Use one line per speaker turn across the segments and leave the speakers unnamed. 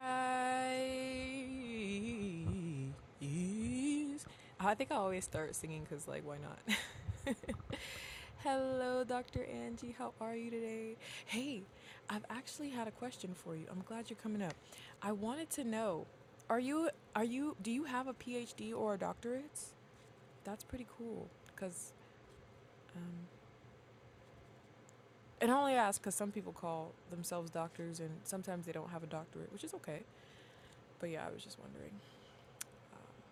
I, I think I always start singing because, like, why not? Hello, Dr. Angie. How are you today? Hey, I've actually had a question for you. I'm glad you're coming up. I wanted to know, are you, are you, do you have a PhD or a doctorate? That's pretty cool. Because, um, and I only ask because some people call themselves doctors and sometimes they don't have a doctorate, which is okay. But yeah, I was just wondering. Um,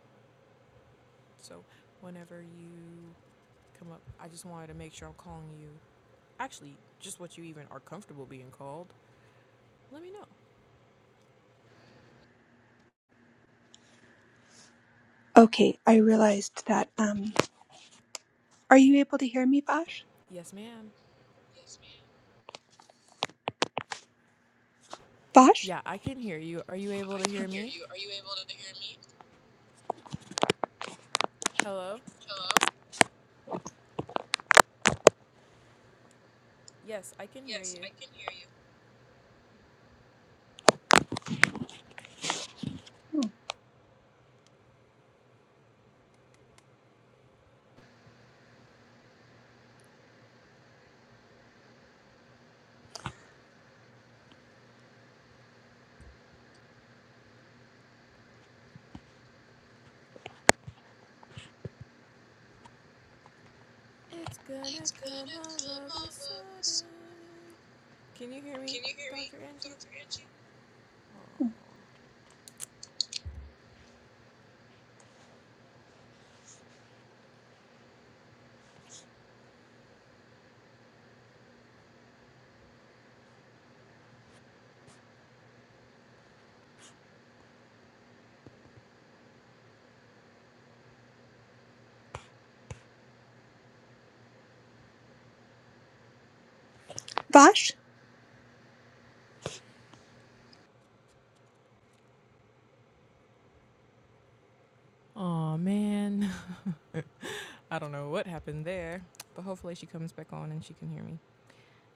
so, whenever you come up. I just wanted to make sure I'm calling you. Actually, just what you even are comfortable being called. Let me know.
Okay, I realized that. Um, are you able to hear me, Vash?
Yes, ma'am.
Vash?
Yeah, I can hear you. Are you able to hear me? Hello? Yes, I can hear you. It's gonna come all of a sudden. Can you hear me, Dr. Angie? Oh.
Vash?
Aw, man. I don't know what happened there, but hopefully she comes back on and she can hear me.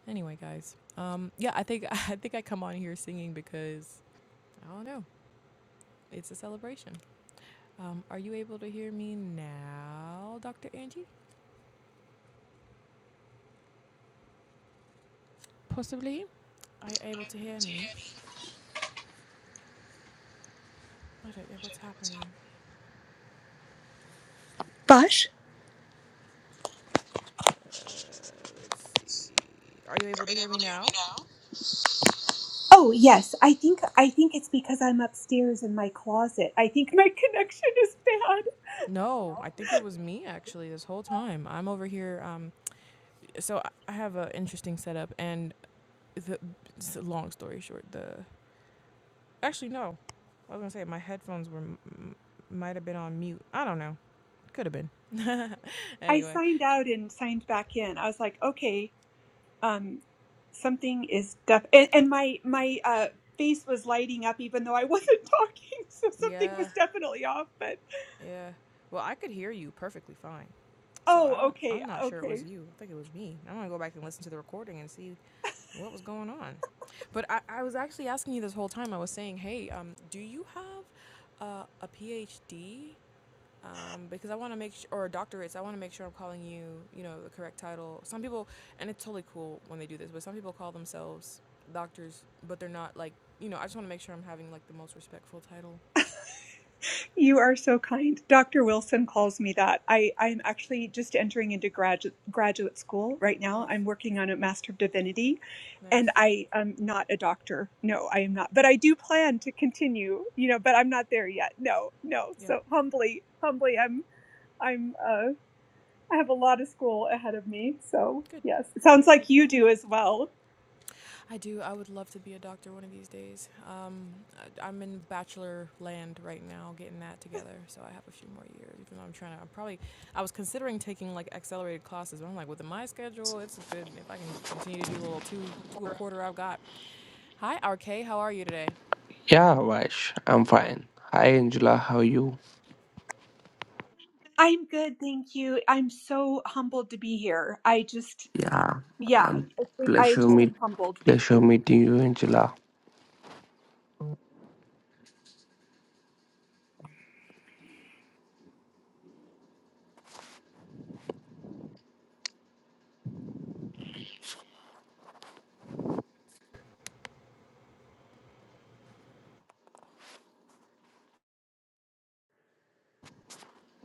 Anyway, guys. Um, yeah, I think I think I come on here singing because I don't know. It's a celebration. Um, are you able to hear me now, Dr. Angie? Possibly. Are you able to hear me? I don't know what's happening.
Vash?
Uh, let's see. Are you able to hear me now?
Oh yes, I think I think it's because I'm upstairs in my closet. I think my connection is bad.
No, I think it was me actually this whole time. I'm over here. Um, so I- have an interesting setup, and the long story short, the actually no, I was gonna say my headphones were m- might have been on mute. I don't know. Could have been.
I
anyway,
signed out and signed back in. I was like, okay, um, something is def. And, and my my uh, face was lighting up even though I wasn't talking, so something was
yeah,
definitely off. But
Yeah. Well, I could hear you perfectly fine. So I
oh,
don't
okay,
I'm not sure it
okay.
was you. I think it was me. I'm gonna go back and listen to the recording and see what was going on. But I, I was actually asking you this whole time. I was saying, hey, um, do you have uh, a PhD? Um, because I want to make sure, or a doctorate. So I want to make sure I'm calling you, you know, the correct title. Some people, and it's totally cool when they do this, but some people call themselves doctors, but they're not like, you know. I just want to make sure I'm having like the most respectful title.
You are so kind. Dr. Wilson calls me that. I, I'm actually just entering into graduate graduate school right now.
Nice,
I'm working on a Master of Divinity, and
nice.
I am not a doctor. No, I am not. But I do plan to continue, you know, but I'm not there yet. No, no.
Yeah.
So humbly, humbly I'm I'm uh I have a lot of school ahead of me. So
Good.
yes. It sounds
Good, good,
like
good.
you do as well.
I do. I would love to be a doctor one of these days. Um, I, I'm in bachelor land right now, getting that together. So I have a few more years. Even though I'm trying to, I'm probably, I was considering taking like accelerated classes, but I'm like, within my schedule, it's good if I can continue to do a little two, two a quarter I've got. Hi, RK. How are you today?
Yeah, Vash, I'm fine. Hi, Angela, how are you?
I'm good, thank you. I'm so humbled to be here. I just
Yeah,
yeah,
I'm
I
pleasure
just
meet
am humbled. Thank
pleasure
you.
meeting you, Angela.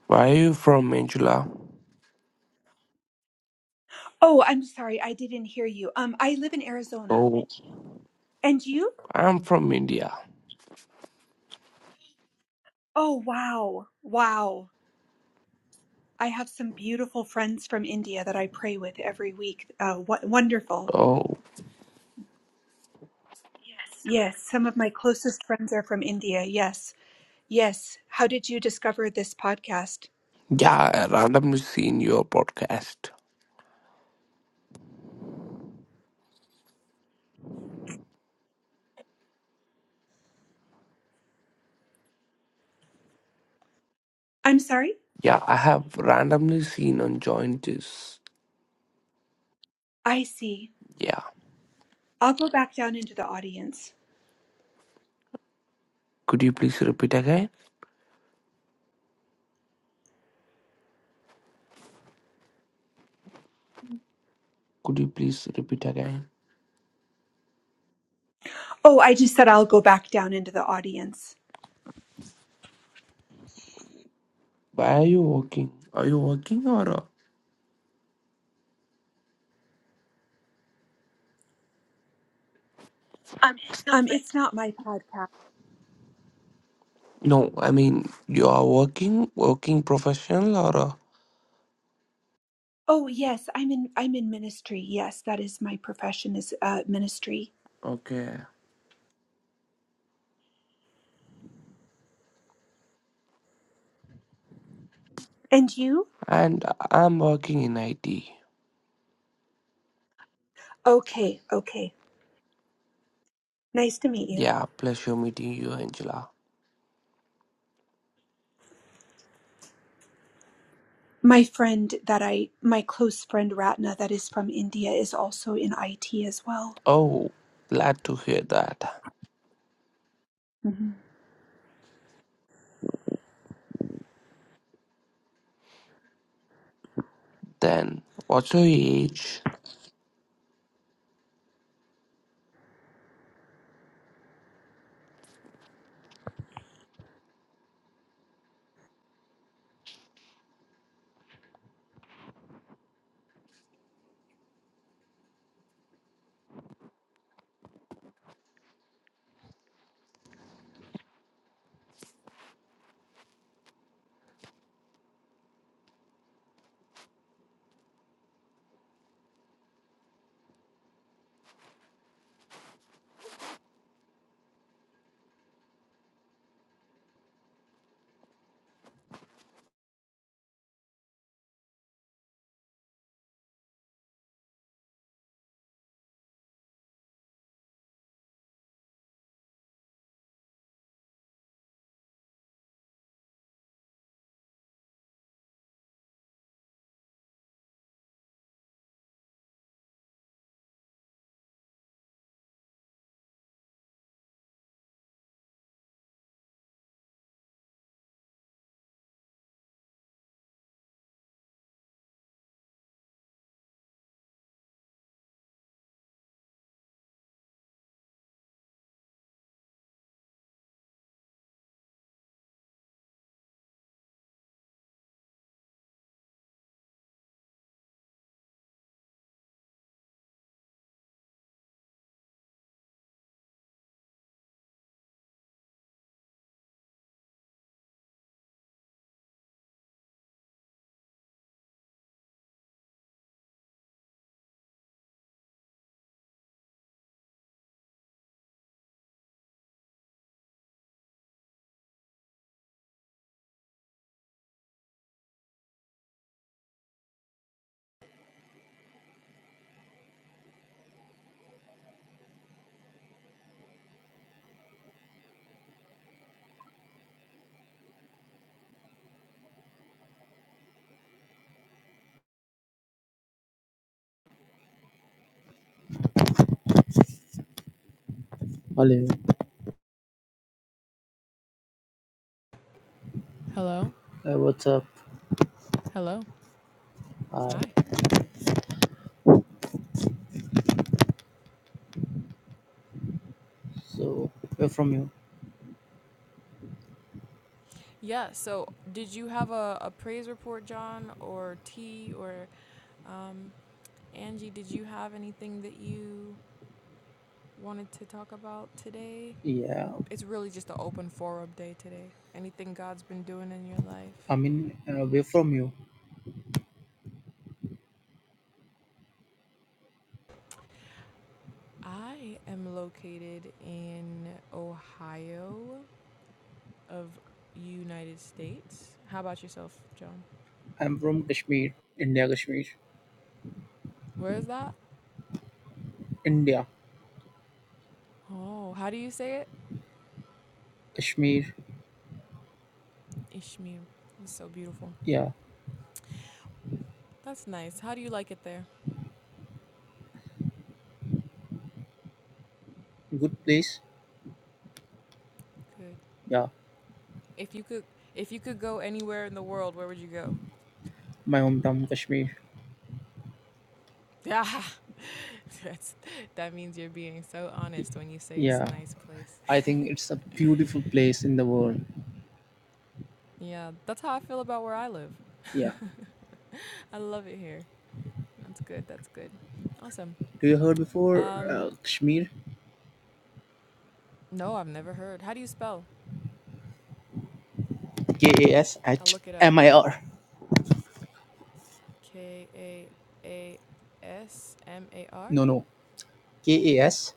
Where are you from, Angela?
Oh, I'm sorry. I didn't hear you. Um, I live in Arizona.
Oh,
And you?
I'm from India.
Oh, wow. Wow. I have some beautiful friends from India that I pray with every week. Uh, w- wonderful.
Oh,
Yes, some of my closest friends are from India. Yes. Yes. How did you discover this podcast?
yeah, I randomly seen your podcast.
I'm sorry?
Yeah, I have randomly seen on join this.
I see.
Yeah,
I'll go back down into the audience.
could you please repeat again? Could you please repeat again?
Oh, I just said I'll go back down into the audience.
Why are you working? Are you working or? uh,
Um, it's not my podcast.
No, I mean you are working, working professional or? uh,
Oh yes, I'm in I'm in ministry. Yes, that is my profession is uh, ministry.
Okay.
And you?
And I'm working in IT.
Okay, okay. Nice to meet you.
Yeah, pleasure meeting you, Angela.
My friend that I my close friend Ratna that is from India is also in IT as well.
Oh, glad to hear that.
hmm
Then, what's your age?
Hello,
Hello.
uh, what's up?
Hello.
Hi.
Hi.
So, where from you?
Yeah. So, did you have a, a praise report, John, or T, or um, Angie? Did you have anything that you wanted to talk about today.
Yeah,
It's really just an open forum day today. Anything God's been doing in your life.
I mean, uh, where from you?
I am located in Ohio of United States. How about yourself, John?
I'm from Kashmir, India, Kashmir,
Where is that?
India,
Oh, how do you say it?
Kashmir.
Ishmael. It's so beautiful.
Yeah,
That's nice. How do you like it there?
good place.
Good.
Yeah,
If you could if you could go anywhere in the world, where would you go?
my hometown, Kashmir.
Yeah. That's that means you're being so honest when you say it's a
Yeah,
nice place.
I think it's a beautiful place in the world.
Yeah, that's how I feel about where I live.
Yeah,
I love it here. That's good. That's good. Awesome.
do you heard before
Um,
uh, Kashmir?
no, I've never heard. How do you spell?
K A S
I'll
H
look it up.
M I R.
K A A S M A R.
No, no, K A S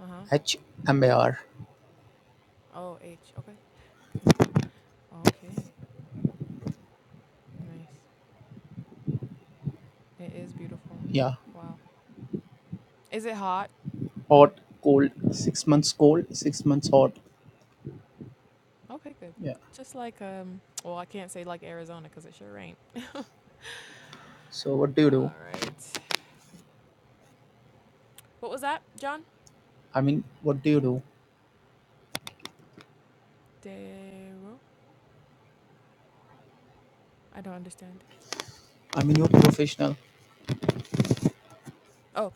Uh huh.
H M I R.
O H. Okay. Okay. Nice. It is beautiful.
Yeah,
Wow. Is it hot?
hot, cold, six months cold, six months hot.
Okay, good.
Yeah.
Just like um. Well, I can't say like Arizona because it sure ain't.
So what do you
All
do?
right. What was that, John?
I mean, what do you do?
Dero. I don't understand.
I mean, you're professional.
Oh,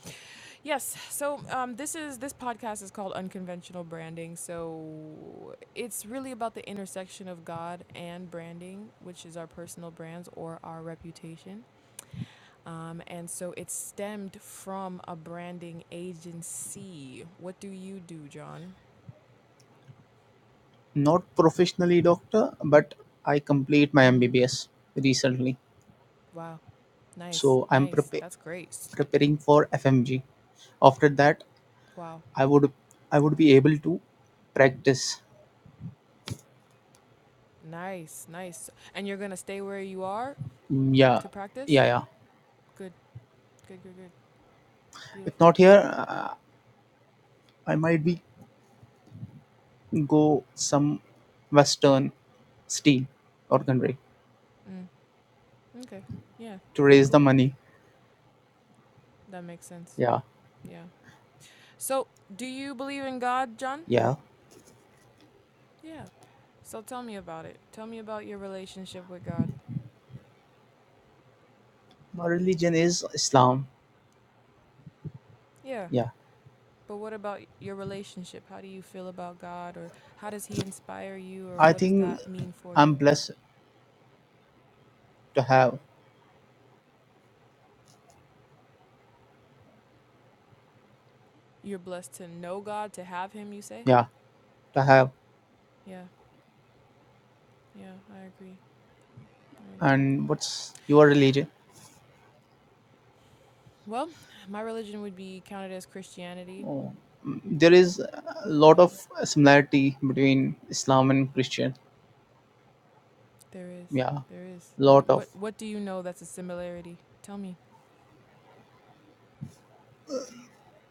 Yes. So um, this is this podcast is called Unconventional Branding. So it's really about the intersection of God and branding, which is our personal brands or our reputation. Um, and so it stemmed from a branding agency. What do you do, John?
Not professionally doctor, but I complete my
hmm
MBBS recently.
Wow. Nice.
So I'm
Nice.
prepa-
That's great. S-
preparing for FMG. After that,
Wow.
I would I would be able to practice.
Nice. Nice. And you're gonna stay where you are
Mm, Yeah,
to practice.
yeah, yeah.
Good. Good. Good. Good.
If
Beautiful.
not here, uh, I might be go some Western state or country
Mm. Okay. Yeah.
to raise
Cool.
the money.
That makes sense.
Yeah,
Yeah. So, do you believe in God, John?
yeah.
Yeah. So tell me about it. Tell me about your relationship with God.
My religion is Islam.
Yeah.
Yeah.
But what about your relationship? How do you feel about God or how does he inspire you or
I
what does
think
that mean for
I'm
you?
blessed to have,
You're blessed to know God, to have him, you say?
yeah, to have.
Yeah. Yeah, I agree. I agree.
And what's your religion?
Well, my religion would be counted as Christianity.
Oh, mm, there is a lot
Yeah.
of similarity between Islam and Christian.
There is.
Yeah,
There is. D-
lot of.
What what do you know that's a similarity? Tell me.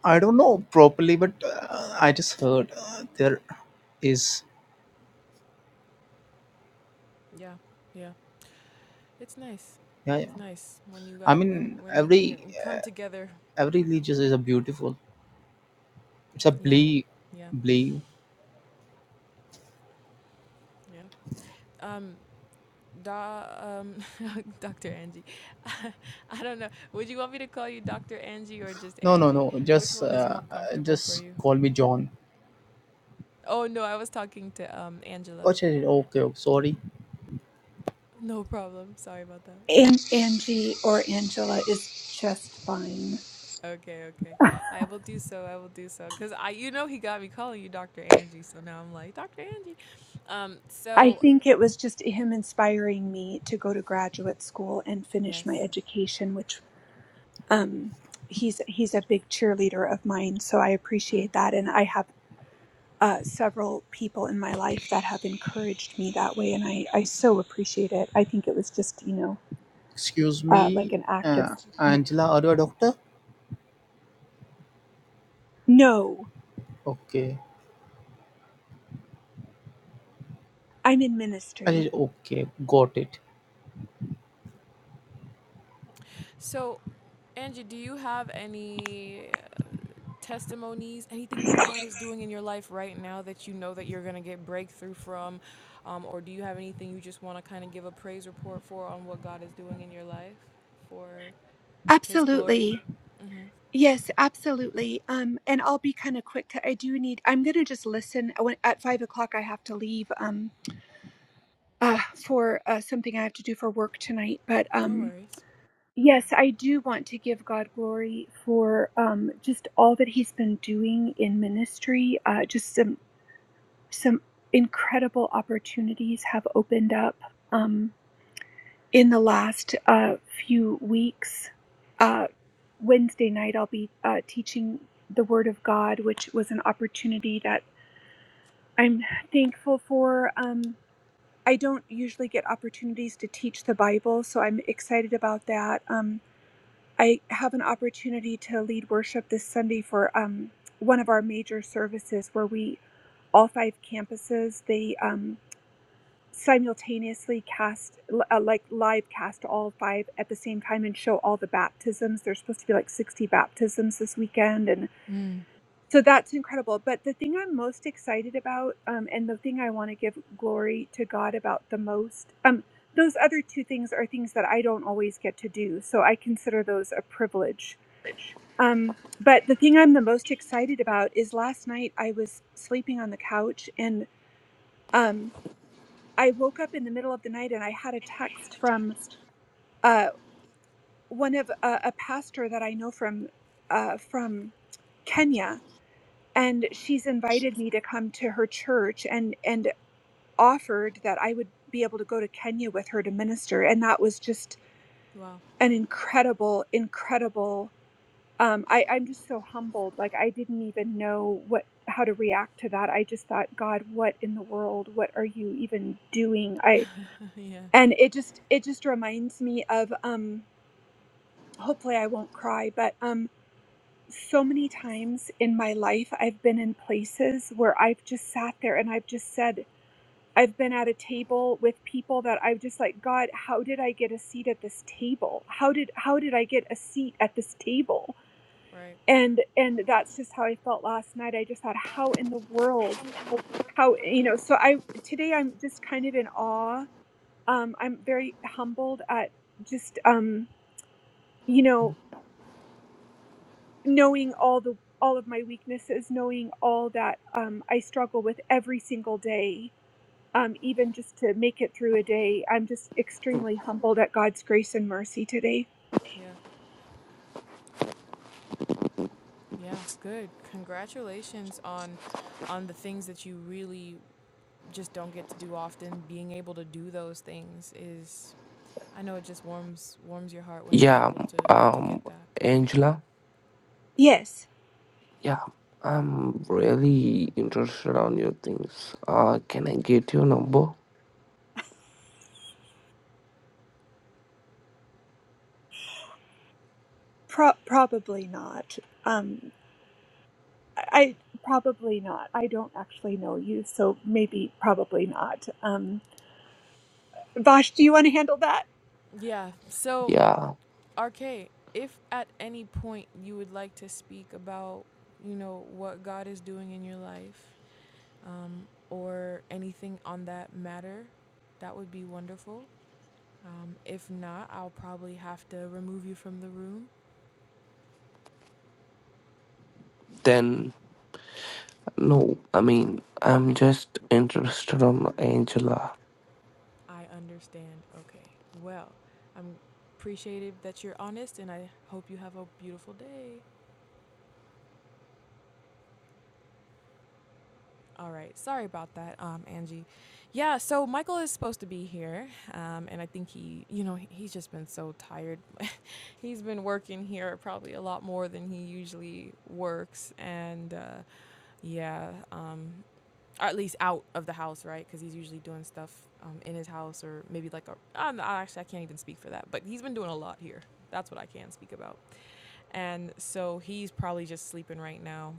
I don't know properly, but uh, I just heard uh, there is.
Yeah. Yeah. It's nice.
Yeah,
It's
yeah.
nice when you
I
guys when,
mean,
when we can
every
come together.
every religion is a beautiful. It's a
Yeah,
belief,
yeah,
belief.
yeah. Um, da, um, Dr. Angie. I don't know. Would you want me to call you Dr. Angie or just
No, no,
Angie?
no.
Which
Just, uh,
one is more
uh,
comfortable for
just
you?
call me John.
Oh no, I was talking to um Angela.
Oh, okay, okay. Sorry.
No problem. Sorry about that.
And Angie or Angela is just fine.
Okay, okay. I will do so. I will do so. Cause I, you know, he got me calling you Dr. Angie, so now I'm like Dr. Angie. Um,
I
so
think it was just him inspiring me to go to graduate school and finish my
yes.
education, which um, he's he's a big cheerleader of mine, so I
Mm.
appreciate that, and I have uh, several people in my life that have encouraged me that way, and I, I so appreciate it. I think it was just, you know,
Excuse
uh, like
me,
an act of
uh, Angela, are you a doctor?
no,
Okay.
I'm in
I
ministry.
said, okay, got it.
So Angie, do you have any testimonies, anything that God is doing in your life right now that you know that you're going to get breakthrough from? Um, or do you have anything you just want to kind of give a praise report for on what God is doing in your life for His glory?
Absolutely.
hmm
Yes, absolutely. Um, and I'll be kind of quick. 'cause I do need. I'm gonna just listen. I want- At five o'clock, I have to leave. Um, uh, for uh, something I have to do for work tonight. But
No
um,
worries.
yes, I do want to give God glory for um just all that He's been doing in ministry. Uh, just some some incredible opportunities have opened up um, in the last uh, few weeks. Uh, Wednesday night, I'll be uh, teaching the Word of God, which was an opportunity that I'm thankful for. Um, I don't usually get opportunities to teach the Bible, so I'm excited about that. Um, I have an opportunity to lead worship this Sunday for um, one of our major services where we all five campuses they um, simultaneously cast uh, like live cast all five at the same time and show all the baptisms there's supposed to be like 60 baptisms this weekend and
Mm.
so that's incredible but the thing i'm most excited about um, and the thing i want to give glory to god about the most um, those other two things are things that i don't always get to do so i consider those a privilege um, but the thing i'm the most excited about is last night i was sleeping on the couch and um. I woke up in the middle of the night and I had a text from uh, one of uh, a pastor that I know from uh, from Kenya, and she's invited me to come to her church and and offered that I would be able to go to Kenya with her to minister, and that was just
Wow.
an incredible, incredible. Um, I, I'm just so humbled. Like I didn't even know what how to react to that. I just thought, God, what in the world? What are you even doing? I
yeah.
and it just it just reminds me of um hopefully i won't cry but um so many times in my life i've been in places where i've just sat there and i've just said i've been at a table with people that i've just like god how did i get a seat at this table how did how did i get a seat at this table
Right.
and and that's just how i felt last night i just thought how in the world how you know so i today i'm just kind of in awe um i'm very humbled at just um you know knowing all the all of my weaknesses knowing all that um, i struggle with every single day um, even just to make it through a day i'm just extremely humbled at god's grace and mercy today
Yeah. Yeah. Good. Congratulations on on the things that you really just don't get to do often. Being able to do those things is I know it just warms warms your heart when you're
Yeah,
able to to
um,
get that.
Angela.
yes
Yeah, I'm really interested on your things. Uh, can I get your number?
pro- probably not um, i probably not i don't actually know you so maybe probably not um, vash do you want to handle that
Yeah. So,
Yeah.
RK, if at any point you would like to speak about, you know, what God is doing in your life, um, or anything on that matter, that would be wonderful. Um, if not, I'll probably have to remove you from the room.
Then no, I mean, I'm just interested on Angela.
I understand. Okay. Well, I'm appreciative that you're honest, and I hope you have a beautiful day. All right. Sorry about that, um, Angie. Yeah, so Michael is supposed to be here, um, and I think he, you know, he- he's just been so tired. he's been working here probably a lot more than he usually works, and uh, yeah, um, or at least out of the house, right? Because he's usually doing stuff um, in his house or maybe like a. I'm, I actually, I can't even speak for that, but he's been doing a lot here. That's what I can speak about. And so he's probably just sleeping right now.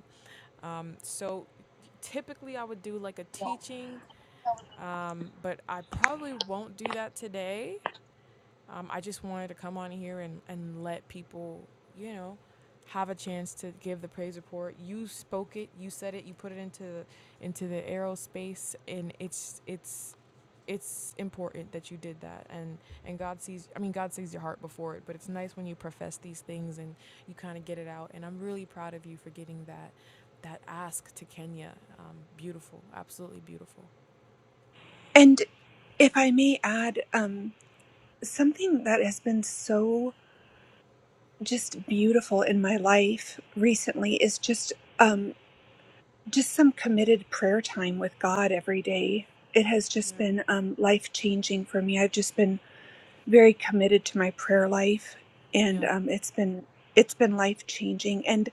Um, so typically I would do like a teaching, um, but I probably won't do that today. Um, I just wanted to come on here and, and let people, you know, have a chance to give the praise report. You spoke it, you said it, you put it into into the aerospace, and it's it's it's important that you did that and and god sees i mean god sees your heart before it but it's nice when you profess these things and you kind of get it out and i'm really proud of you for getting that that ask to kenya um, beautiful absolutely beautiful
and if i may add um, something that has been so just beautiful in my life recently is just um just some committed prayer time with God every day. It has
yeah
just been um life changing for me. I've just been very committed to my prayer life and
yeah
um it's been it's been life changing and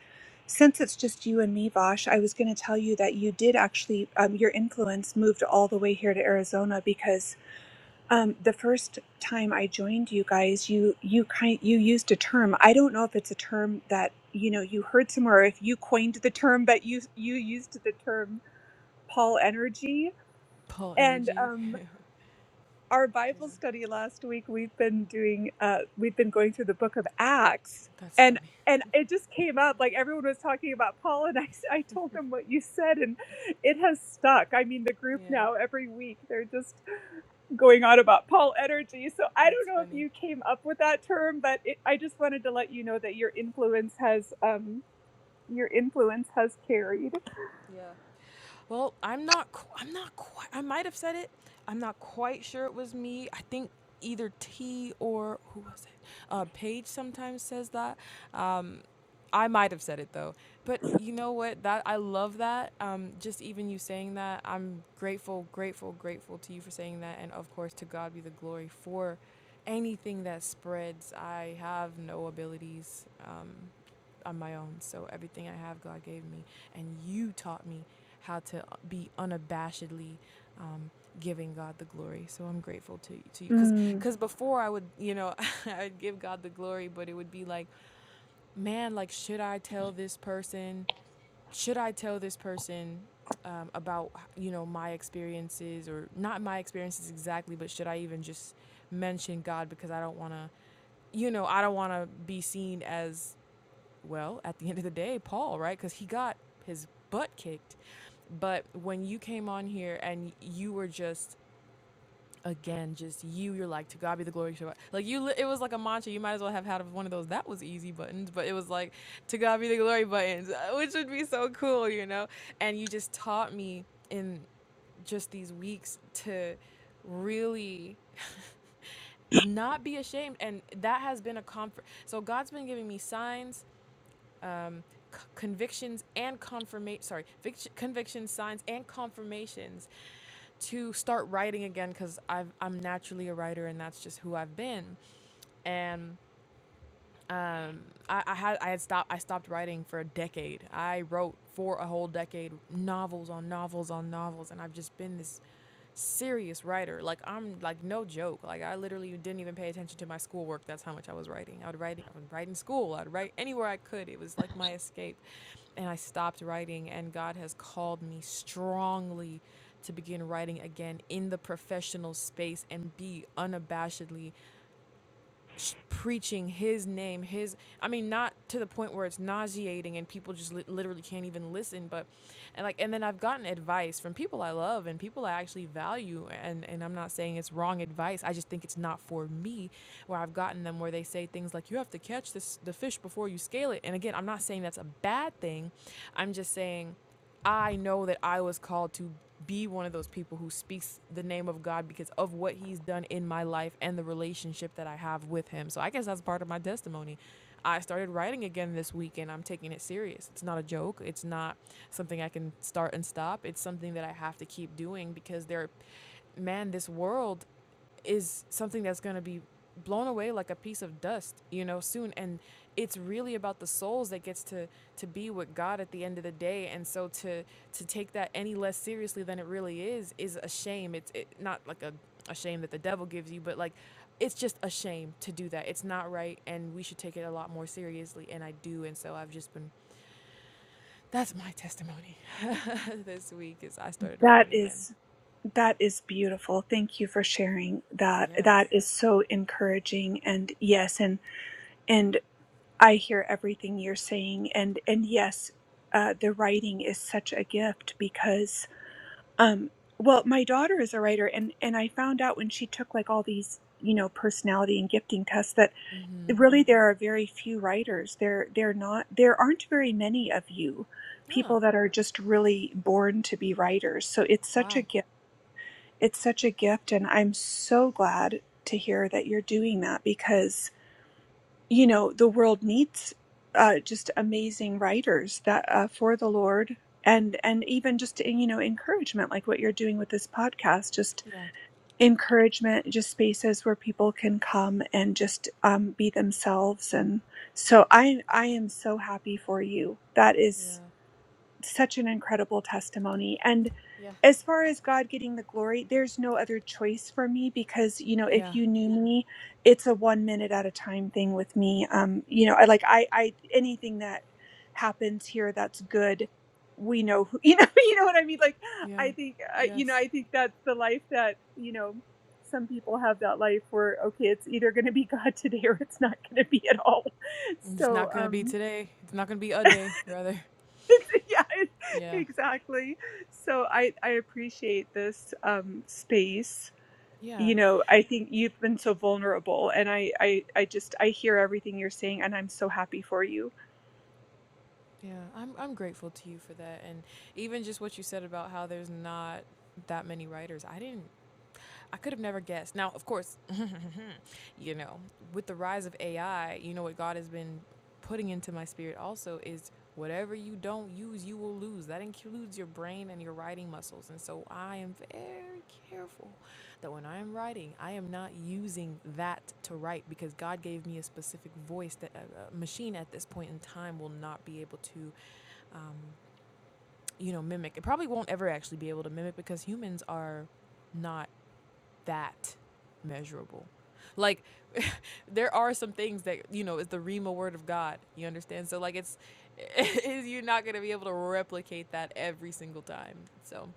since it's just you and me, Vosh, I was going to tell you that you did actually, um, your influence moved all the way here to Arizona because. Um, the first time I joined you guys, you you kind you used a term. I don't know if it's a term that you know you heard somewhere, or if you coined the term, but you you used the term Paul energy.
paul
And
energy
um, our Bible study last week, we've been doing uh, we've been going through the book of Acts,
that's funny
and and it just came up like everyone was talking about Paul, and I s- I told them what you said, and it has stuck. I mean, the group
yeah
now every week they're just going on about Paul energy. So I
that's
don't know if
me
you came up with that term, but it, I just wanted to let you know that your influence has um your influence has carried.
Yeah, Well, I'm not. qu- I'm not quite. I might have said it. I'm not quite sure it was me. I think either T or who was it? Uh, Paige sometimes says that. Um, I might have said it though. But you know what? That I love that. Um, just even you saying that, I'm grateful, grateful, grateful to you for saying that, and of course to God be the glory for anything that spreads. I have no abilities. Um, on my own. So everything I have, God gave me, and you taught me how to uh, be unabashedly um, giving God the glory. So I'm grateful to you, to you because
Mm,
because before I would you know I'd give God the glory, but it would be like man, like should I tell this person? Should I tell this person? Um, about you know my experiences or not my experiences exactly but should i even just mention god because i don't want to you know i don't want to be seen as well, at the end of the day, Paul, right? Because he got his butt kicked. But when you came on here and you were just, again, just you, you're like, to God be the glory. Like you, li- it was like a mantra. You might as well have had one of those. That was easy buttons, but it was like, to God be the glory buttons, which would be so cool, you know? And you just taught me in just these weeks to really not be ashamed. And that has been a comfort. So God's been giving me signs um, c- convictions and confirmation sorry vic- convictions signs and confirmations to start writing again because i'm naturally a writer and that's just who i've been and um, I, I had I had stopped I stopped writing for a decade. I wrote for a whole decade novels on novels on novels, and I've just been this serious writer. Like I'm like no joke. Like I literally didn't even pay attention to my schoolwork. That's how much I was writing. I would write I would write in school. I'd write anywhere I could. It was like my escape. And I stopped writing and God has called me strongly to begin writing again in the professional space and be unabashedly sh- preaching his name his i mean not to the point where it's nauseating and people just li- literally can't even listen but and like and then i've gotten advice from people i love and people i actually value and and i'm not saying it's wrong advice i just think it's not for me where i've gotten them where they say things like you have to catch this the fish before you scale it and again i'm not saying that's a bad thing i'm just saying I know that I was called to be one of those people who speaks the name of God because of what he's done in my life and the relationship that I have with him. So I guess that's part of my testimony. I started writing again this week and I'm taking it serious. It's not a joke. It's not something I can start and stop. It's something that I have to keep doing because there man, this world is something that's going to be blown away like a piece of dust you know soon and it's really about the souls that gets to to be with god at the end of the day and so to to take that any less seriously than it really is is a shame it's it, not like a, a shame that the devil gives you but like it's just a shame to do that it's not right and we should take it a lot more seriously and i do and so i've just been that's my testimony this week is i started
that
writing again
is that is beautiful. Thank you for sharing that.
Yeah.
That is so encouraging and yes and and I hear everything you're saying and and yes, uh the writing is such a gift because Um, well, my daughter is a writer, and and I found out when she took like all these, you know, personality and gifting tests that really there are very few writers. There there not there aren't very many of you
ah
people that are just really born to be writers. So it's such a
wow
gift. It's such a gift, and I'm so glad to hear that you're doing that because you know the world needs uh, just amazing writers that uh, for the Lord and and even just eh, you know encouragement like what you're doing with this podcast just
yeah
encouragement just spaces where people can come and just um, be themselves and so I I am so happy for you that is
yeah
such an incredible testimony. And
Yeah.
as far as God getting the glory, there's no other choice for me because, you know, if
Yeah.
you knew me, it's a one minute at a time thing with me. Um, you know, I like I I anything that happens here that's good, we know who, you know, you know what I mean? Like
Yeah.
I think uh, you know,
Yes.
I think that's the life that, you know, some people have that life where okay, it's either going to be God today or it's not going to be at all.
It's
So,
not gonna be
um
today. It's not gonna be a day, rather.
yeah
Yeah.
exactly so i i appreciate this um space
Yeah.
you know i think you've been so vulnerable and i i i just i hear everything you're saying and i'm so happy for you
Yeah. I'm I'm grateful to you for that, and even just what you said about how there's not that many writers. I didn't. I could have never guessed. Now, of course, you know, with the rise of AI, you know what God has been putting into my spirit also is whatever you don't use, you will lose. That includes your brain and your writing muscles. And so I am very careful that when I am writing, I am not using that to write because God gave me a specific voice that a, a machine at this point in time will not be able to, um, you know, mimic. It probably won't ever actually be able to mimic because humans are not that measurable. Like there are some things that you know is the Rima word of God. You understand? So like it's is you're not gonna be able to replicate that every single time. So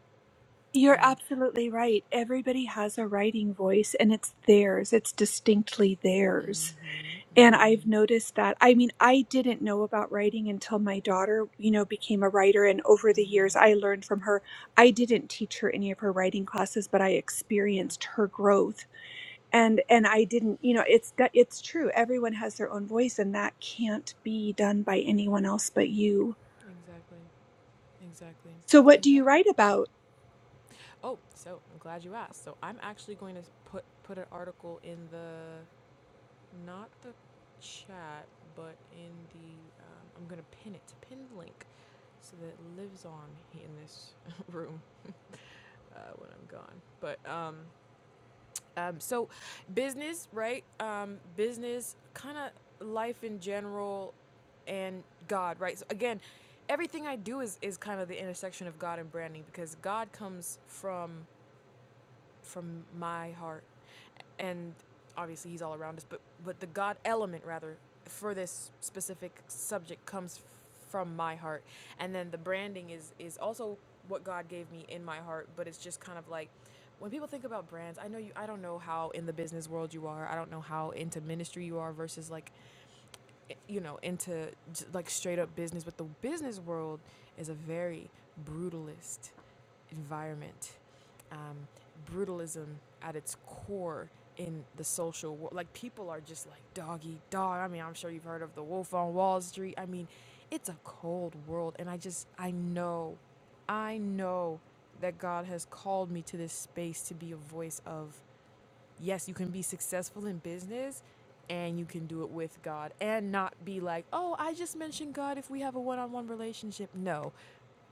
you're
um
absolutely right everybody has a writing voice and it's theirs it's distinctly
mm
theirs
mhm
And I've
mm
noticed that. I mean, I didn't know about writing until my daughter, you know, became a writer. And over
mhm mm
the years,
mhm
I learned from her. I didn't teach her any of her writing classes, but I experienced
yeah
her growth. And and I didn't, you know, it's that- it's true. Everyone has their own voice, and that can't be done by anyone else but you.
exactly exactly
So, what do you
exactly.
write about?
Oh, so I'm glad you asked. So I'm actually going to put put an article in the not the chat, but in the um, I'm gonna pin it, pin the link, so that it lives on in this room uh, when I'm gone. But um, um, so business, right? Um, business, kind of life in general, and God, right? So again, everything I do is is kind of the intersection of God and branding because God comes from from my heart and obviously he's all around us but but the god element rather for this specific subject comes from my heart and then the branding is is also what god gave me in my heart but it's just kind of like when people think about brands i know you i don't know how in the business world you are i don't know how into ministry you are versus like you know into j- like straight up business but the business world is a very brutalist environment, um, brutalism at its core in the social world. Like people are just like dog eat dog. I mean, I'm sure you've heard of the Wolf on Wall Street. I mean, it's a cold world, and I just I know, I know that God has called me to this space to be a voice of yes, you can be successful in business. And you can do it with God and not be like, oh, I just mentioned God if we have a one on one relationship. No,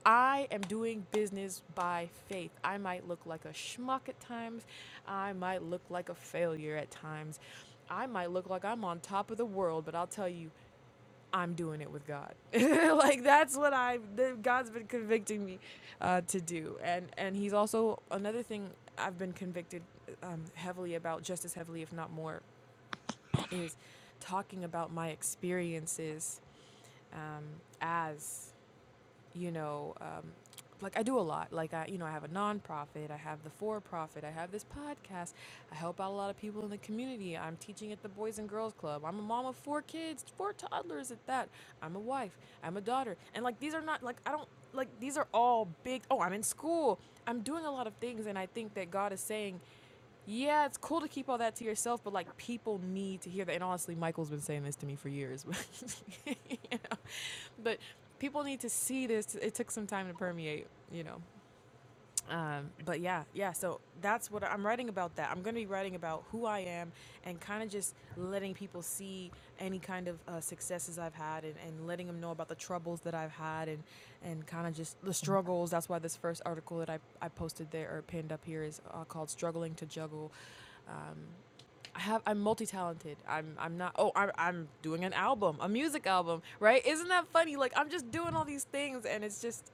I am doing business by faith. I might look like a schmuck at times. I might look like a failure at times. I might look like I'm on top of the world, but I'll tell you, I'm doing it with God. like that's what I that God's been convicting me uh, to do, and and He's also another thing I've been convicted um, heavily about, just as heavily, if not more, is talking about my experiences um, as you know, um, like I do a lot. Like I, you know, I have a nonprofit, I have the for-profit, I have this podcast. I help out a lot of people in the community. I'm teaching at the Boys and Girls Club. I'm a mom of four kids, four toddlers at that. I'm a wife. I'm a daughter. And like these are not like I don't like these are all big. Oh, I'm in school. I'm doing a lot of things and I think that God is saying yeah, it's cool to keep all that to yourself, but like people need to hear that. And honestly, Michael's been saying this to me for years, but you know, but people need to see this. It took some time to permeate, you know. Um, but yeah, yeah. So that's what I'm writing about. That I'm going to be writing about who I am and kind of just letting people see any kind of uh, successes I've had and, and letting them know about the troubles that I've had and and kind of just the struggles. That's why this first article that I, I posted there or pinned up here is uh, called "Struggling to Juggle." Um, I have I'm multi-talented. I'm I'm not oh I'm I'm doing an album, a music album, right? Isn't that funny? Like I'm just doing all these things and it's just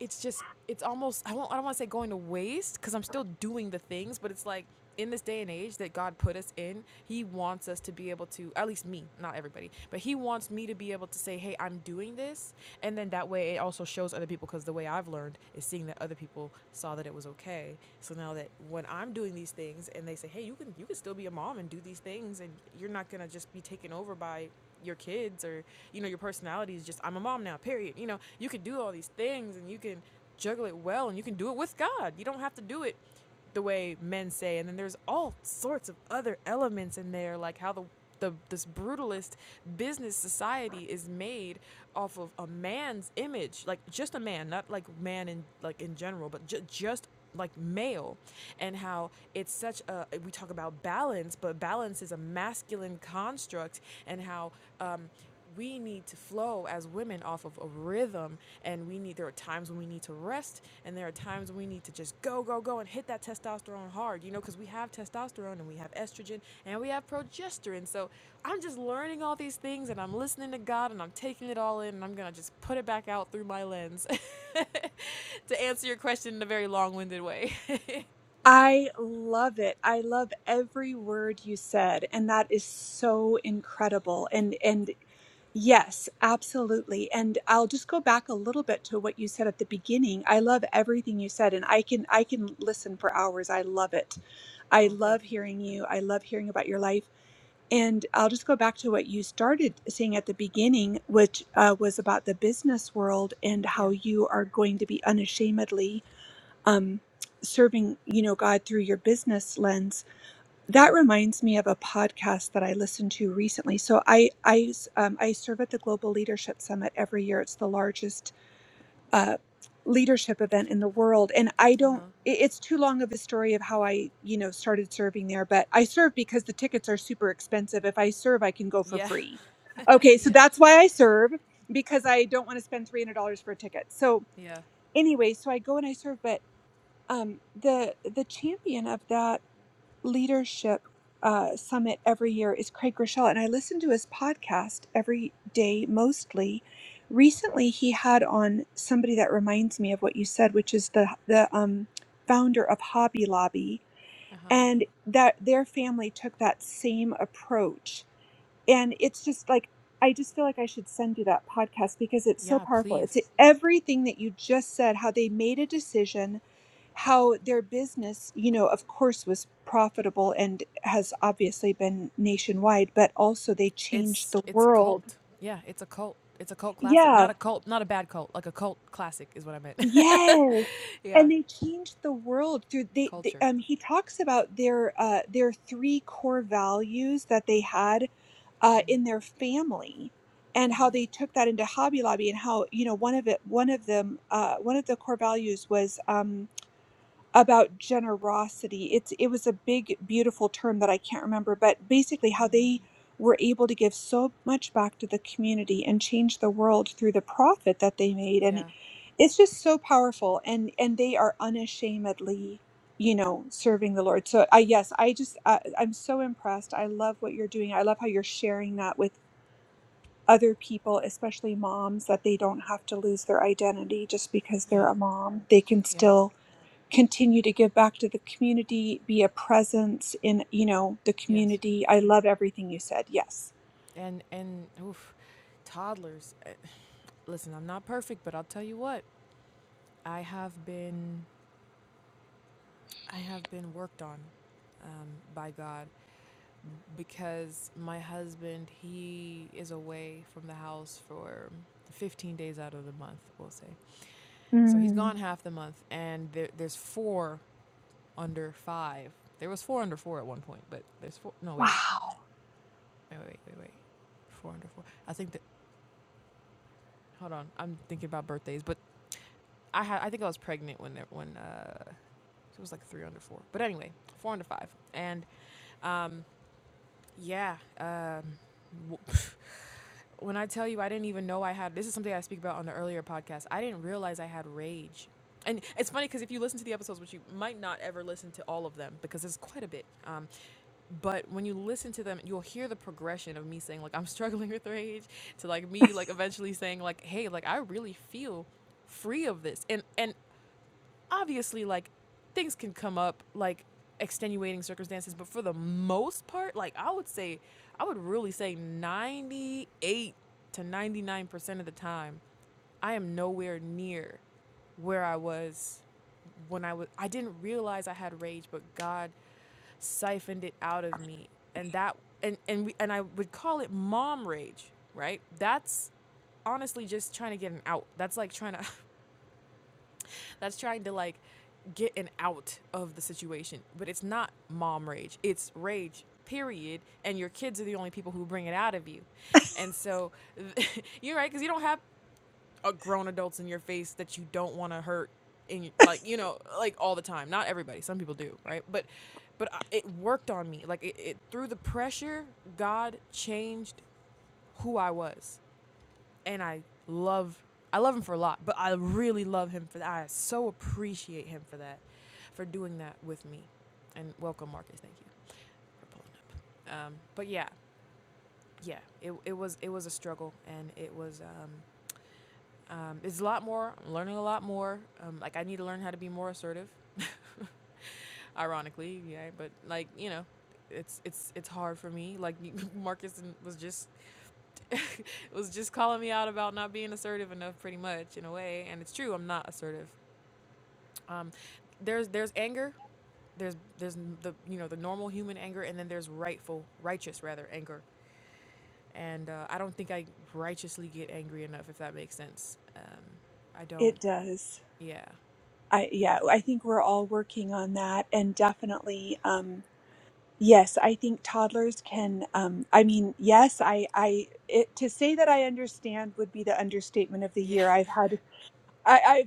it's just it's almost I won't I don't want to say going to waste because I'm still doing the things, but it's like in this day and age that God put us in, He wants us to be able to at least me, not everybody, but He wants me to be able to say, "Hey, I'm doing this," and then that way it also shows other people because the way I've learned is seeing that other people saw that it was okay. So now that when I'm doing these things and they say, "Hey, you can you can still be a mom and do these things, and you're not gonna just be taken over by your kids or you know your personality is just I'm a mom now. Period. You know you can do all these things and you can juggle it well and you can do it with God. You don't have to do it the way men say. And then there's all sorts of other elements in there, like how the the this brutalist business society is made off of a man's image, like just a man, not like man in like in general, but ju- just like male and how it's such a we talk about balance but balance is a masculine construct and how um we need to flow as women off of a rhythm and we need there are times when we need to rest and there are times when we need to just go go go and hit that testosterone hard you know because we have testosterone and we have estrogen and we have progesterone so i'm just learning all these things and i'm listening to god and i'm taking it all in and i'm gonna just put it back out through my lens to answer your question in a very long-winded way
I love it. I love every word you said, and that is so incredible. And and Yes, absolutely. And I'll just go back a little bit to what you said at the beginning. I love everything you said and I can I can listen for hours. I love it.
Oh,
I
thank
love
you.
hearing
No.
you. I love hearing about your life. And I'll just go back to what you started saying at the beginning, which uh, was about the business world and
Yeah.
how you are going to be unashamedly um, serving, you know, God through your business lens that
Yeah.
reminds me of a podcast that I listened to recently. So I I um, I serve at the Global Leadership Summit every year. It's the largest uh, leadership event in the world, and I
Uh huh.
don't. it- It's too long of a story of how I you know started serving there, but I serve because the tickets are super expensive. If I serve, I can go for
Yeah.
free. Okay, so
yes.
that's why I serve because I don't want to spend three hundred dollars for a ticket. So
Yeah.
anyway, so I go and I serve, but um, the the champion of that leadership uh, summit every year is Craig Rochelle, and I listen to his podcast every day mostly. Recently, he had on somebody that reminds me of what you said, which is the the um, founder of Hobby Lobby,
Uh huh.
and that their family took that same approach and it's just like i just feel like i should send you that podcast because it's so
Yeah.
powerful it's
Please.
everything that you just said how they made a decision how their business you know of course was profitable and has obviously been nationwide but also they changed
It's
the
it's
world
cult. Yeah. It's a cult. It's a cult classic. Not
yeah
a cult. Not a bad cult. Like a cult classic is what I meant.
yes
yeah.
and they changed the world through they, they
Culture.
um he talks about their uh their three core values that they had uh, in their family and how they took that into Hobby Lobby and how you know one of it one of them uh, one of the core values was um, about generosity. It's it was a big beautiful term that I can't remember, but basically how they were able to give so much back to the community and change the world through the profit that they made and
Yeah.
it's just so powerful and and they are unashamedly you know serving the lord so i yes i just uh, i'm so impressed i love what you're doing i love how you're sharing that with other people, especially moms, that they don't have to lose their identity just because
Yeah.
they're a mom. They can
Yeah.
still continue to give back to the community, be a presence in, you know, the
Yes.
community. I love everything you said. Yes.
And and toddlers. eh, Listen, I'm not perfect, but I'll tell you what. I have been I have been worked on um, by God because my husband he is away from the house for 15 days out of the month we'll say so he's
Mm,
gone half the month and there, there's four under five there was four under four at one point but there's four no wait
wow.
wait wait wait wait four under four i think that hold on i'm thinking about birthdays but i had i think i was pregnant when there when uh it was like three under four but anyway four under five and um yeah um When I tell you, I didn't even know I had. This is something I speak about on the earlier podcast. I didn't realize I had rage, and it's funny because if you listen to the episodes, which you might not ever listen to all of them because there's quite a bit. Um, but when you listen to them, you'll hear the progression of me saying like I'm struggling with rage to like me like eventually saying like Hey, like I really feel free of this, and and obviously like things can come up like extenuating circumstances but for the most part like i would say i would really say 98 to 99% of the time i am nowhere near where i was when i was i didn't realize i had rage but god siphoned it out of me and that and and we, and i would call it mom rage right that's honestly just trying to get an out that's like trying to that's trying to like get an out of the situation. But it's not mom rage, it's rage, period. And your kids are the only people who bring it out of you. And so you're right, because you don't have uh grown adults in your face that you don't want to hurt. In, like you know like all the time not everybody some people do right but but I, it worked on me like it, it through the pressure god changed who i was and I love I love him for a lot, but I really love him for that. I so appreciate him for that, for doing that with me. And welcome, Marcus. Thank you for pulling up. Um, but yeah, yeah, it, it was it was a struggle, and it was um, um, it's a lot more. I'm learning a lot more. Um, like I need to learn how to be more assertive. Ironically, yeah, but like you know, it's it's it's hard for me. Like Marcus was just was just calling me out about not being assertive enough, pretty much in a way. And it's true, I'm not assertive. Um, there's there's anger, there's there's the you know the normal human anger, and then there's rightful, righteous rather anger. And uh, I don't think I righteously get angry enough, if that makes sense. Um, I don't.
It does.
Yeah.
I
Yeah.
yeah, I think we're all working on that and definitely um yes, I think toddlers can um I mean, yes, I I it, to say that I understand would be the understatement of the
Yeah.
year. I've had I, i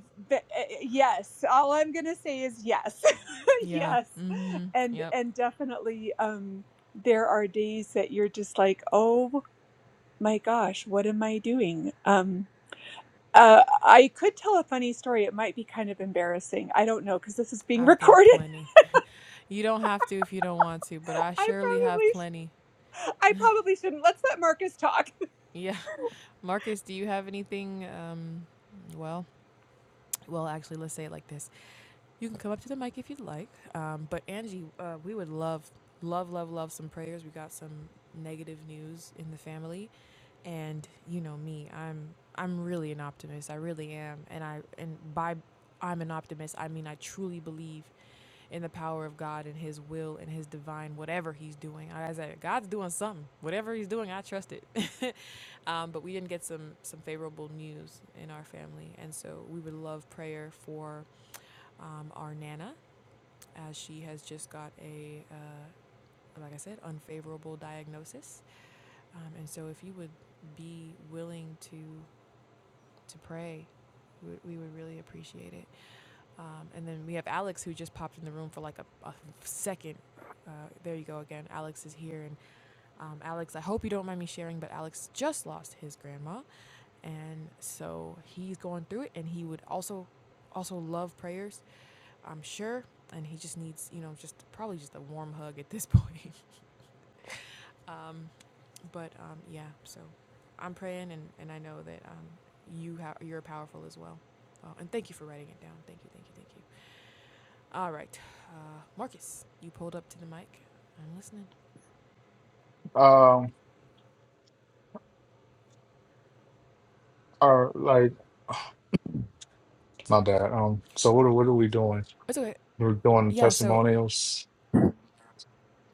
yes. All I'm gonna say is yes,
Yeah.
yes,
Mhm.
and
Yep.
and definitely, um, there are days that you're just like, oh my gosh, what am I doing? Um, uh, I could tell a funny story. It might be kind of embarrassing. I don't know because this is being
I've got
recorded.
plenty. You don't have to if you don't want to, but I
I
surely have
probably, sh-
plenty.
I probably shouldn't. Let's let Marcus talk.
Yeah. Marcus, do you have anything um well, Well, actually, let's say it like this. You can come up to the mic if you'd like. Um, but Angie, uh, we would love, love, love, love some prayers. We got some negative news in the family, and you know me, I'm I'm really an optimist. I really am, and I and by I'm an optimist. I mean, I truly believe in the power of God and His will and His divine, whatever He's doing. I said, God's doing something. Whatever He's doing, I trust it. um, but we didn't get some some favorable news in our family, and so we would love prayer for um, our Nana, as she has just got a, uh, like I said, unfavorable diagnosis. Um, and so, if you would be willing to to pray, we would, we would really appreciate it. Um, and then we have Alex, who just popped in the room for like a, a second. Uh, there you go again. Alex is here, and um, Alex, I hope you don't mind me sharing, but Alex just lost his grandma, and so he's going through it, and he would also also love prayers I'm sure, and he just needs, you know, just probably just a warm hug at this point. Um, but um, yeah, so I'm praying, and, and I know that um, you ha- you're powerful as well. Uh, and thank you for writing it down. Thank you, thank you, thank you. All right, uh, Marcus, you pulled up to the mic. I'm listening.
Um, or like my bad. Um, so what are what are we doing?
It's okay.
We're doing
Yeah. So
testimonials.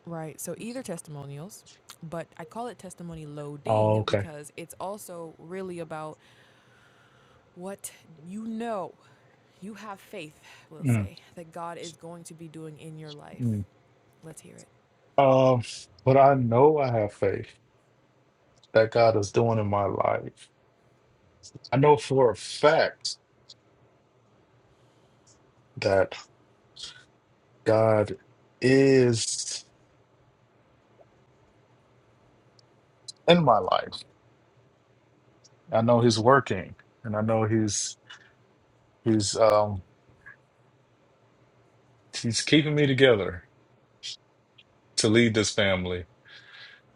right. So either testimonials, but I call it testimony
Oh,
loading
okay.
because it's also really about what you know. You have faith, we'll
Mm,
say, that God is going to be doing in your life.
mm.
Let's hear it.
Um, but I know I have faith that God is doing in my life. I know for a fact that God is in my life. I know He's working, and I know He's He's um He's keeping me together to lead this family.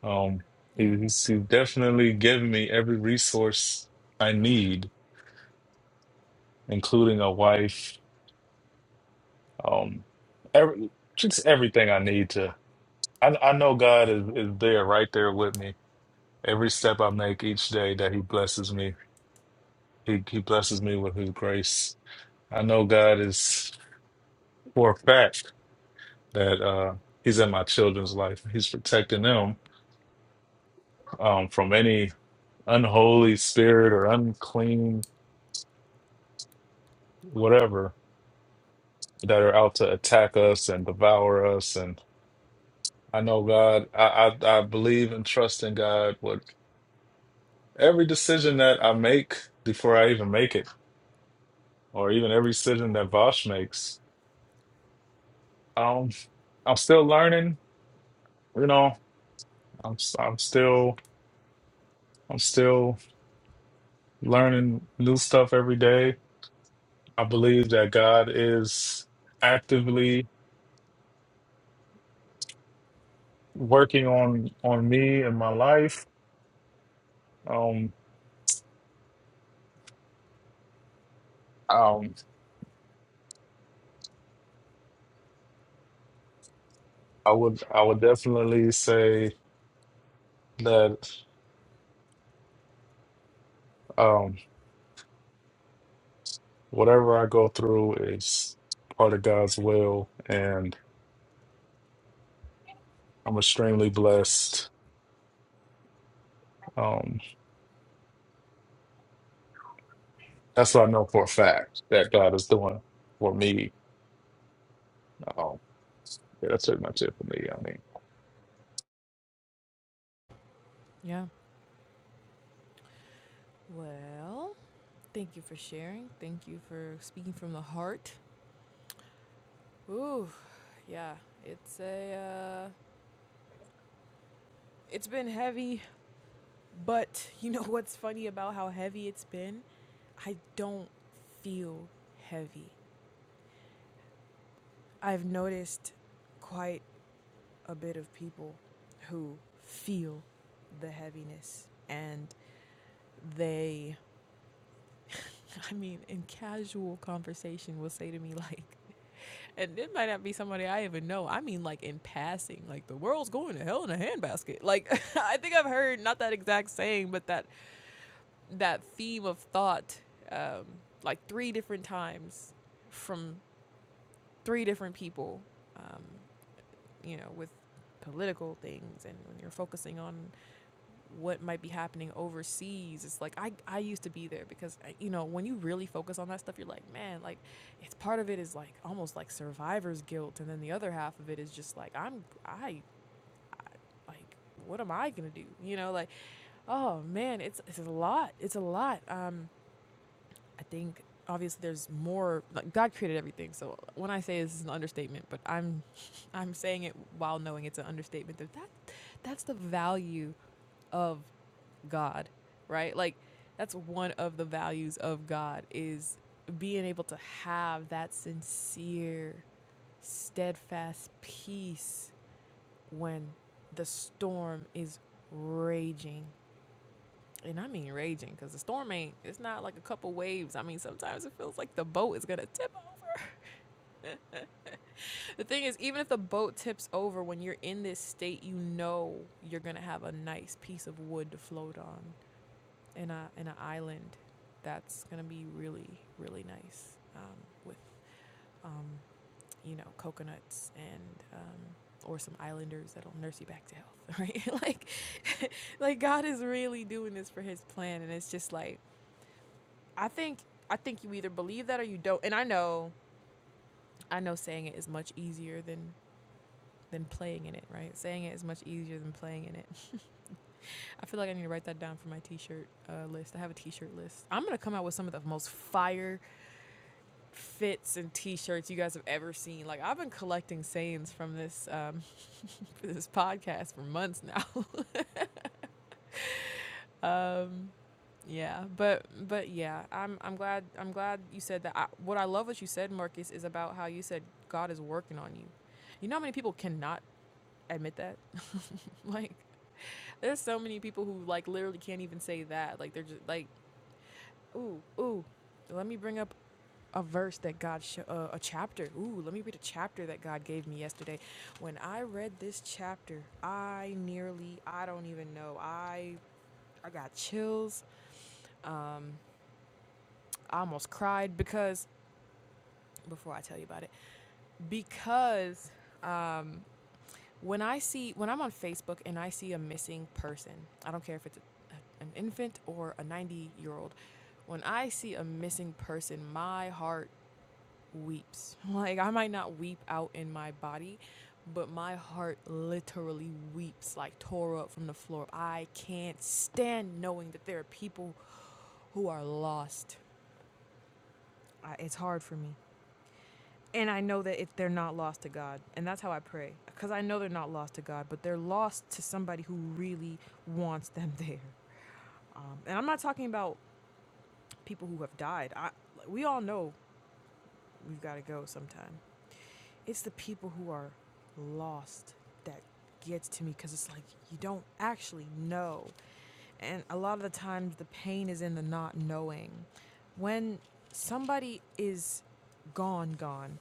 Um,
Yeah.
he- He's, he's definitely giving me every resource I need including a wife, um, every, just everything I need to. I, I know God is, is there, right there with me. Every step I make each day that He blesses me, He, he blesses me with His grace. I know God is for a fact that uh, He's in my children's life. He's protecting them um, from any unholy spirit or unclean whatever that are out to attack us and devour us. and. I know God. I, I I believe and trust in God. What every decision that I make before I even make it, or even every decision that Vosh makes, um, I'm still learning. You know, I'm s- I'm still I'm still learning new stuff every day. I believe that God is actively working on on me and my life. Um, um, I would I would definitely say that. Um, Whatever I go through is part of God's will, and I'm extremely blessed. Um, that's what I know for a fact that God is doing for me. Um, yeah, that's pretty much it for me. I mean,
Yeah. Well, thank you for sharing. Thank you for speaking from the heart. Ooh, yeah. It's a uh, it's been heavy, but you know what's funny about how heavy it's been? I don't feel heavy. I've noticed quite a bit of people who feel the heaviness and they I mean, in casual conversation, will say to me, like, and it might not be somebody I even know. I mean, like, in passing, like, the world's going to hell in a handbasket. Like, I think I've heard not that exact saying, but that, that theme of thought, um, like, three different times from three different people, um, you know, with political things and when you're focusing on what might be happening overseas. It's like I, I used to be there because you know when you really focus on that stuff, you're like, man, like it's part of it is like almost like survivor's guilt, and then the other half of it is just like I'm I, I like what am I gonna do? You know, like oh man, it's it's a lot. It's a lot. Um, I think obviously there's more. Like God created everything, so when I say this is an understatement, but I'm I'm saying it while knowing it's an understatement. That that that's the value of God, right? Like that's one of the values of God is being able to have that sincere, steadfast peace when the storm is raging. And I mean raging because the storm ain't, it's not like a couple waves. I mean, sometimes it feels like the boat is going to tip over. The thing is, even if the boat tips over, when you're in this state, you know you're going to have a nice piece of wood to float on. in a in an island that's gonna be really really nice um, with um, you know coconuts and um, or some islanders that'll nurse you back to health right like like god is really doing this for his plan and it's just like i think i think you either believe that or you don't and i know i know saying it is much easier than than playing in it right saying it is much easier than playing in it i feel like i need to write that down for my t-shirt uh, list i have a t-shirt list i'm gonna come out with some of the most fire fits and t-shirts you guys have ever seen. Like I've been collecting sayings from this um from this podcast for months now. Um yeah, but but yeah, I'm I'm glad I'm glad you said that. I, what I love what you said, Marcus, is about how you said God is working on you. You know how many people cannot admit that? Like there's so many people who like literally can't even say that. Like they're just like ooh, ooh. Let me bring up a verse that God, sho uh, a chapter. Ooh, let me read a chapter that God gave me yesterday. When I read this chapter, I nearly, I don't even know, I, I got chills. Um, I almost cried because before I tell you about it, because um, when I see when I'm on Facebook and I see a missing person, I don't care if it's a, an infant or a 90 year old. When I see a missing person, my heart weeps. Like I might not weep out in my body, but my heart literally weeps like tore up from the floor. I can't stand knowing that there are people who are lost. I, it's hard for me. And I know that it, they're not lost to God. And that's how I pray. Because I know they're not lost to God, but they're lost to somebody who really wants them there. Um, and I'm not talking about people who have died. I, we all know we've got to go sometime. It's the people who are lost that gets to me because it's like you don't actually know. And a lot of the times the pain is in the not knowing. When somebody is gone, gone,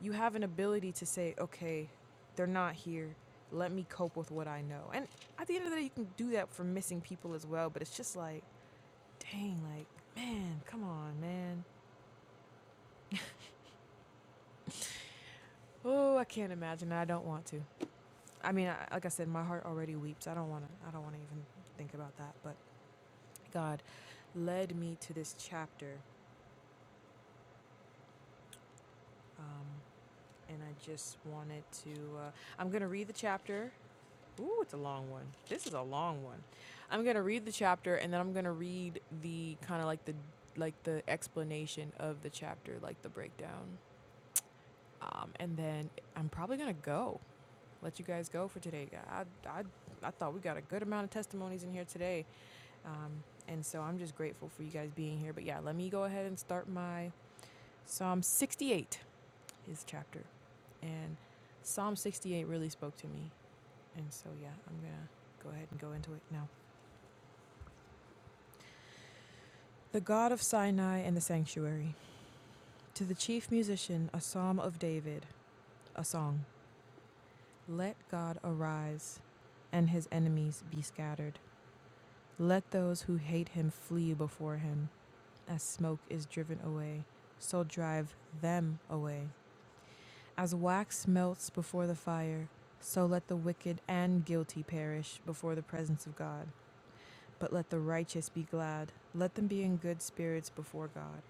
you have an ability to say, okay, they're not here. Let me cope with what I know. And at the end of the day, you can do that for missing people as well. But it's just like, dang, like, man, come on, man. Oh, I can't imagine. I don't want to. I mean, I, like I said, my heart already weeps. I don't want to. I don't want to even think about that. But God led me to this chapter, um, and I just wanted to. Uh, I'm gonna read the chapter. Ooh, it's a long one. This is a long one. I'm gonna read the chapter, and then I'm gonna read the kind of like the like the explanation of the chapter, like the breakdown. Um, and then I'm probably gonna go. Let you guys go for today. I, I I thought we got a good amount of testimonies in here today, Um, and so I'm just grateful for you guys being here. But yeah, let me go ahead and start my Psalm 68 His chapter. And Psalm 68 really spoke to me. And so yeah, I'm going to go ahead and go into it now. The God of Sinai and the sanctuary. To the chief musician, a psalm of David, a song. Let God arise and his enemies be scattered. Let those who hate him flee before him. As smoke is driven away, so drive them away. As wax melts before the fire, so let the wicked and guilty perish before the presence of God. But let the righteous be glad. Let them be in good spirits before God.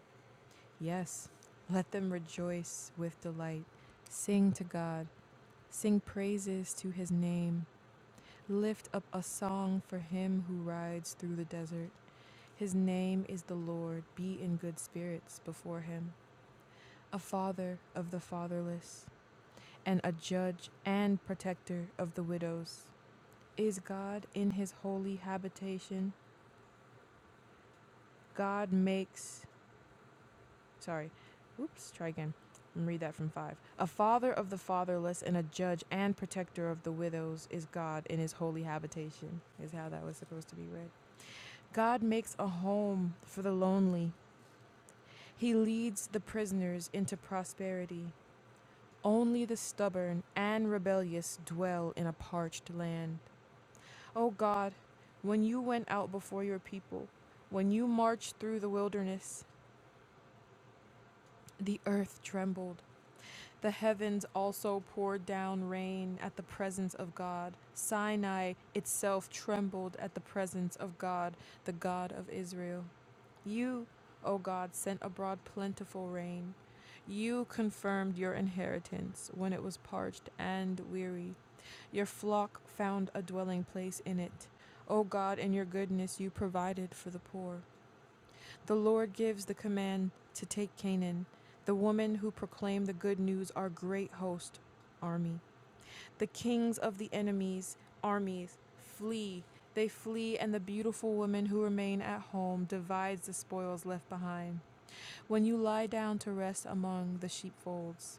Yes, let them rejoice with delight. Sing to God. Sing praises to his name. Lift up a song for him who rides through the desert. His name is the Lord. Be in good spirits before him. A father of the fatherless and a judge and protector of the widows. Is God in his holy habitation? God makes, sorry, oops, try again. And read that from five. A father of the fatherless and a judge and protector of the widows is God in his holy habitation, is how that was supposed to be read. God makes a home for the lonely. He leads the prisoners into prosperity. Only the stubborn and rebellious dwell in a parched land. O God, when you went out before your people, when you marched through the wilderness, the earth trembled. The heavens also poured down rain at the presence of God. Sinai itself trembled at the presence of God, the God of Israel. You, O God, sent abroad plentiful rain. You confirmed your inheritance when it was parched and weary. Your flock found a dwelling place in it. O God, in your goodness, you provided for the poor. The Lord gives the command to take Canaan. The women who proclaim the good news are great host, army. The kings of the enemies, armies, flee. They flee, and the beautiful women who remain at home divides the spoils left behind. When you lie down to rest among the sheepfolds,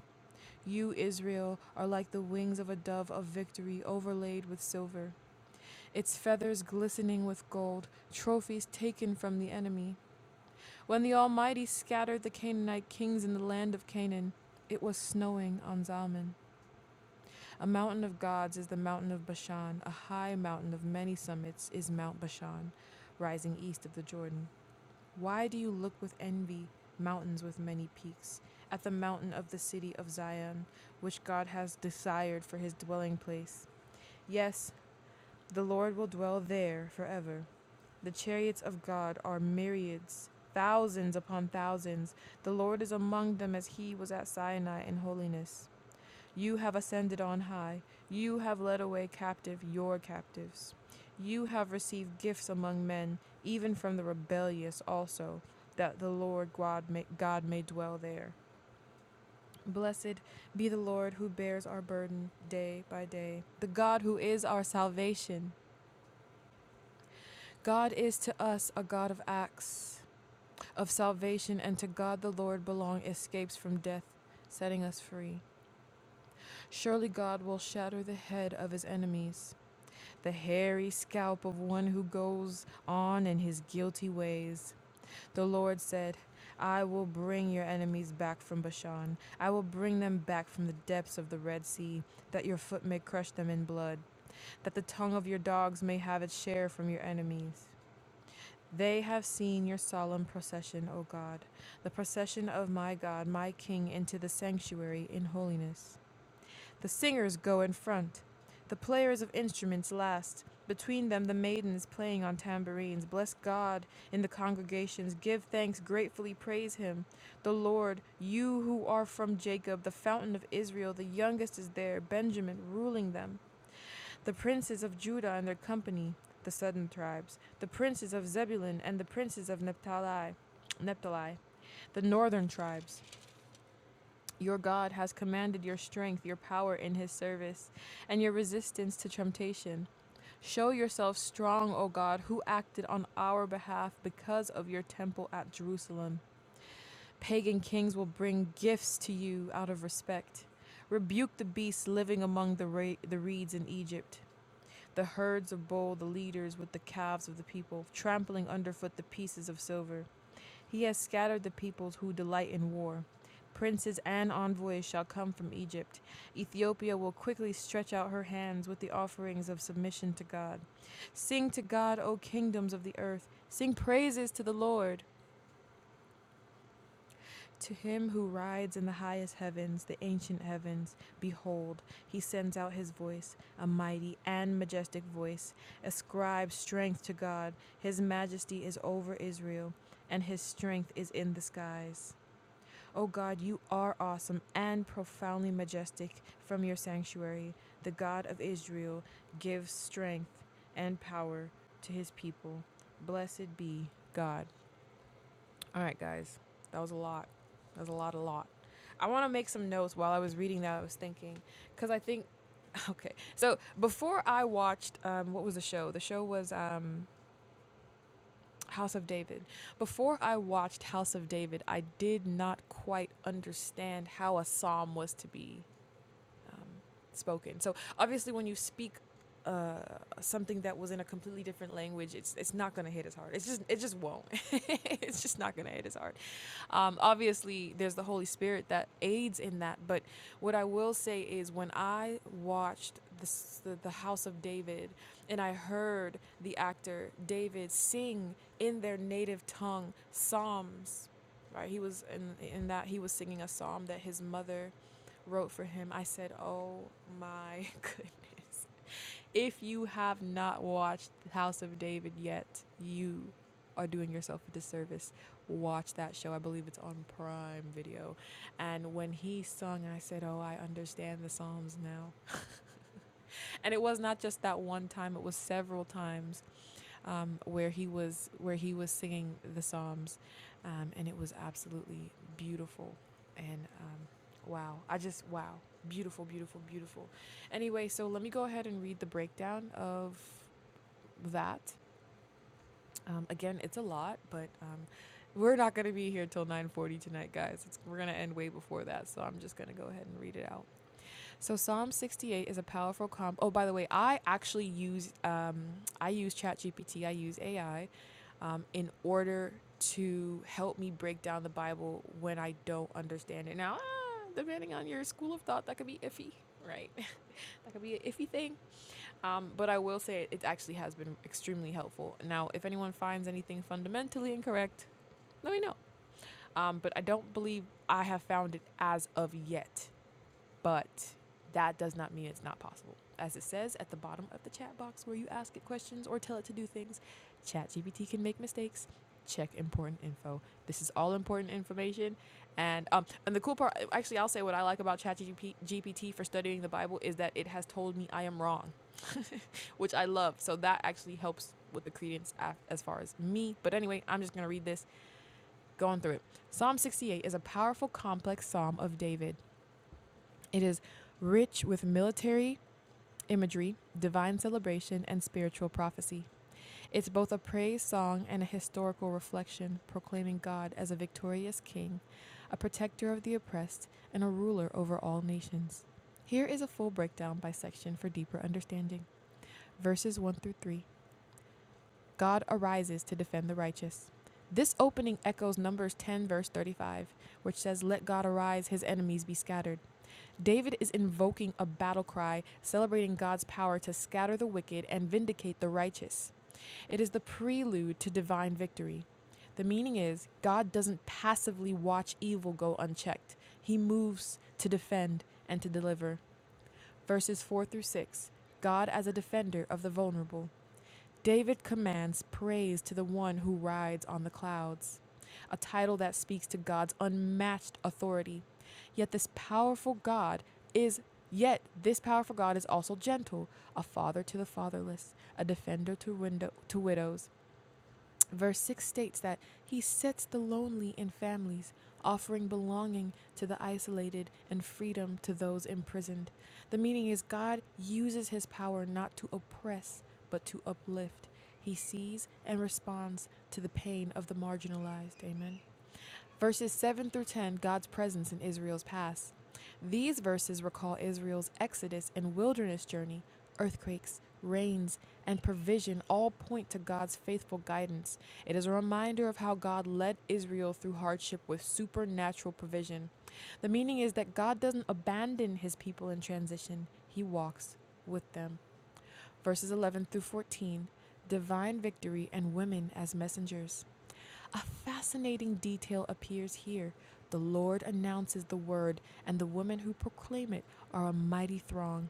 you, Israel, are like the wings of a dove of victory overlaid with silver its feathers glistening with gold, trophies taken from the enemy. When the Almighty scattered the Canaanite kings in the land of Canaan, it was snowing on Zalman. A mountain of gods is the mountain of Bashan. A high mountain of many summits is Mount Bashan, rising east of the Jordan. Why do you look with envy, mountains with many peaks, at the mountain of the city of Zion, which God has desired for his dwelling place? Yes, the Lord will dwell there forever. The chariots of God are myriads, thousands upon thousands. The Lord is among them as he was at Sinai in holiness. You have ascended on high. You have led away captive your captives. You have received gifts among men, even from the rebellious also, that the Lord God may, God may dwell there. Blessed be the Lord who bears our burden day by day, the God who is our salvation. God is to us a God of acts of salvation, and to God the Lord belong escapes from death, setting us free. Surely God will shatter the head of his enemies, the hairy scalp of one who goes on in his guilty ways. The Lord said, I will bring your enemies back from Bashan. I will bring them back from the depths of the Red Sea, that your foot may crush them in blood, that the tongue of your dogs may have its share from your enemies. They have seen your solemn procession, O God, the procession of my God, my King, into the sanctuary in holiness. The singers go in front, the players of instruments last, between them the maidens playing on tambourines. Bless God in the congregations, give thanks, gratefully praise Him. The Lord, you who are from Jacob, the fountain of Israel, the youngest is there, Benjamin ruling them. The princes of Judah and their company, the southern tribes, the princes of Zebulun and the princes of Naphtali, Naphtali, the northern tribes. Your God has commanded your strength, your power in his service, and your resistance to temptation. Show yourself strong, O God, who acted on our behalf because of your temple at Jerusalem. Pagan kings will bring gifts to you out of respect. Rebuke the beasts living among the, ra- the reeds in Egypt the herds of bull, the leaders with the calves of the people, trampling underfoot the pieces of silver. He has scattered the peoples who delight in war. Princes and envoys shall come from Egypt. Ethiopia will quickly stretch out her hands with the offerings of submission to God. Sing to God, O kingdoms of the earth. Sing praises to the Lord. To him who rides in the highest heavens, the ancient heavens, behold, he sends out his voice, a mighty and majestic voice. Ascribe strength to God. His majesty is over Israel, and his strength is in the skies. O God, you are awesome and profoundly majestic from your sanctuary. The God of Israel gives strength and power to his people. Blessed be God. All right, guys. That was a lot. That was a lot, a lot. I want to make some notes while I was reading that. I was thinking, because I think, okay. So before I watched, um, what was the show? The show was um, House of David. Before I watched House of David, I did not quite understand how a psalm was to be um, spoken. So obviously, when you speak uh, something that was in a completely different language, it's it's not gonna hit as hard. It's just it just won't. it's just not gonna hit as hard. Um, obviously, there's the Holy Spirit that aids in that. But what I will say is, when I watched the, the, the House of David and I heard the actor David sing in their native tongue psalms, right? He was in, in that he was singing a psalm that his mother wrote for him. I said, Oh my goodness if you have not watched The House of David yet, you are doing yourself a disservice. Watch that show. I believe it's on Prime Video. And when he sung, I said, Oh, I understand the Psalms now. And it was not just that one time, it was several times um, where he was where he was singing the Psalms. Um, and it was absolutely beautiful. And um, wow. I just wow. Beautiful, beautiful, beautiful. Anyway, so let me go ahead and read the breakdown of that. Um, again, it's a lot, but um, we're not going to be here till 9:40 tonight, guys. It's, we're going to end way before that, so I'm just going to go ahead and read it out. So Psalm 68 is a powerful comp. Oh, by the way, I actually use um, I use ChatGPT. I use AI um, in order to help me break down the Bible when I don't understand it. Now, ah, depending on your school of thought, that could be iffy, right? that could be an iffy thing. Um, but I will say it actually has been extremely helpful. Now, if anyone finds anything fundamentally incorrect, let me know. Um, but I don't believe I have found it as of yet. But that does not mean it's not possible. As it says at the bottom of the chat box where you ask it questions or tell it to do things, ChatGPT can make mistakes. Check important info. This is all important information. And um, and the cool part, actually, I'll say what I like about ChatGPT for studying the Bible is that it has told me I am wrong which I love. So that actually helps with the credence as far as me. But anyway, I'm just going to read this going through it. Psalm 68 is a powerful, complex psalm of David. It is rich with military imagery, divine celebration, and spiritual prophecy. It's both a praise song and a historical reflection, proclaiming God as a victorious king, a protector of the oppressed, and a ruler over all nations. Here is a full breakdown by section for deeper understanding. Verses 1 through 3. God arises to defend the righteous. This opening echoes Numbers 10, verse 35, which says, Let God arise, his enemies be scattered. David is invoking a battle cry, celebrating God's power to scatter the wicked and vindicate the righteous. It is the prelude to divine victory. The meaning is, God doesn't passively watch evil go unchecked, He moves to defend and to deliver. Verses 4 through 6 God as a defender of the vulnerable. David commands praise to the one who rides on the clouds, a title that speaks to God's unmatched authority. Yet this powerful God is yet this powerful God is also gentle, a father to the fatherless, a defender to window, to widows, Verse 6 states that He sets the lonely in families, offering belonging to the isolated and freedom to those imprisoned. The meaning is God uses His power not to oppress, but to uplift. He sees and responds to the pain of the marginalized. Amen. Verses 7 through 10, God's presence in Israel's past. These verses recall Israel's exodus and wilderness journey. Earthquakes, rains, and provision all point to God's faithful guidance. It is a reminder of how God led Israel through hardship with supernatural provision. The meaning is that God doesn't abandon his people in transition, he walks with them. Verses 11 through 14 Divine victory and women as messengers. A fascinating detail appears here. The Lord announces the word, and the women who proclaim it are a mighty throng.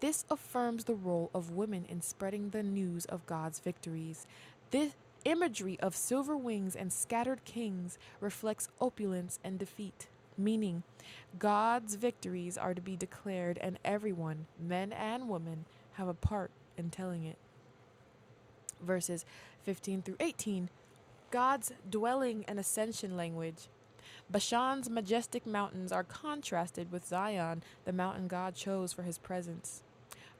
This affirms the role of women in spreading the news of God's victories. This imagery of silver wings and scattered kings reflects opulence and defeat, meaning God's victories are to be declared, and everyone, men and women, have a part in telling it. Verses 15 through 18 God's dwelling and ascension language. Bashan's majestic mountains are contrasted with Zion, the mountain God chose for his presence.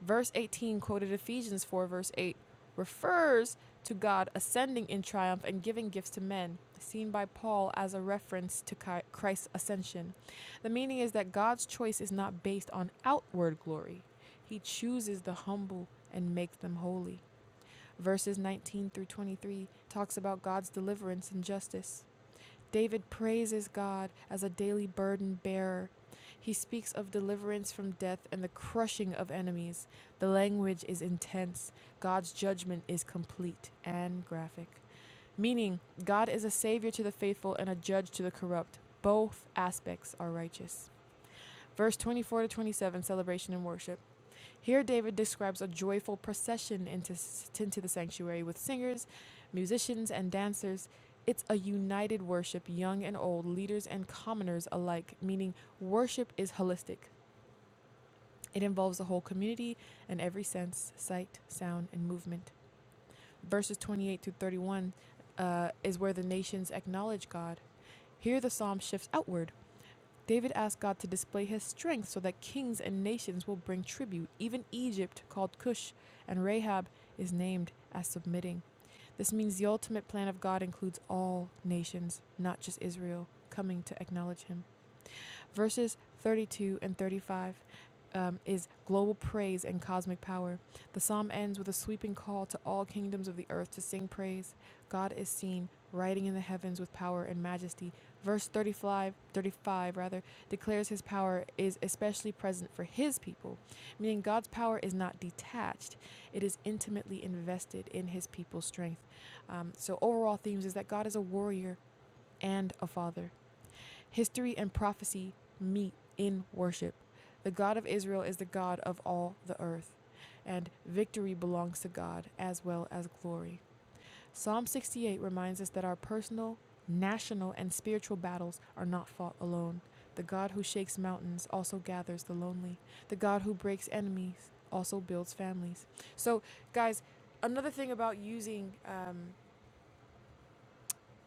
Verse 18, quoted Ephesians 4, verse 8, refers to God ascending in triumph and giving gifts to men, seen by Paul as a reference to Christ's ascension. The meaning is that God's choice is not based on outward glory, He chooses the humble and makes them holy. Verses 19 through 23 talks about God's deliverance and justice. David praises God as a daily burden bearer. He speaks of deliverance from death and the crushing of enemies. The language is intense. God's judgment is complete and graphic. Meaning, God is a savior to the faithful and a judge to the corrupt. Both aspects are righteous. Verse 24 to 27, celebration and worship. Here, David describes a joyful procession into, into the sanctuary with singers, musicians, and dancers. It's a united worship, young and old, leaders and commoners alike, meaning worship is holistic. It involves the whole community and every sense, sight, sound, and movement. Verses 28 through 31 uh, is where the nations acknowledge God. Here, the psalm shifts outward David asked God to display his strength so that kings and nations will bring tribute. Even Egypt, called Cush, and Rahab is named as submitting. This means the ultimate plan of God includes all nations, not just Israel, coming to acknowledge him. Verses 32 and 35 um, is global praise and cosmic power. The psalm ends with a sweeping call to all kingdoms of the earth to sing praise. God is seen riding in the heavens with power and majesty. Verse 35, thirty-five rather, declares his power is especially present for his people, meaning God's power is not detached. It is intimately invested in his people's strength. Um, so overall themes is that God is a warrior and a father. History and prophecy meet in worship. The God of Israel is the God of all the earth, and victory belongs to God as well as glory. Psalm 68 reminds us that our personal, national, and spiritual battles are not fought alone. The God who shakes mountains also gathers the lonely. The God who breaks enemies also builds families. So, guys, another thing about using um,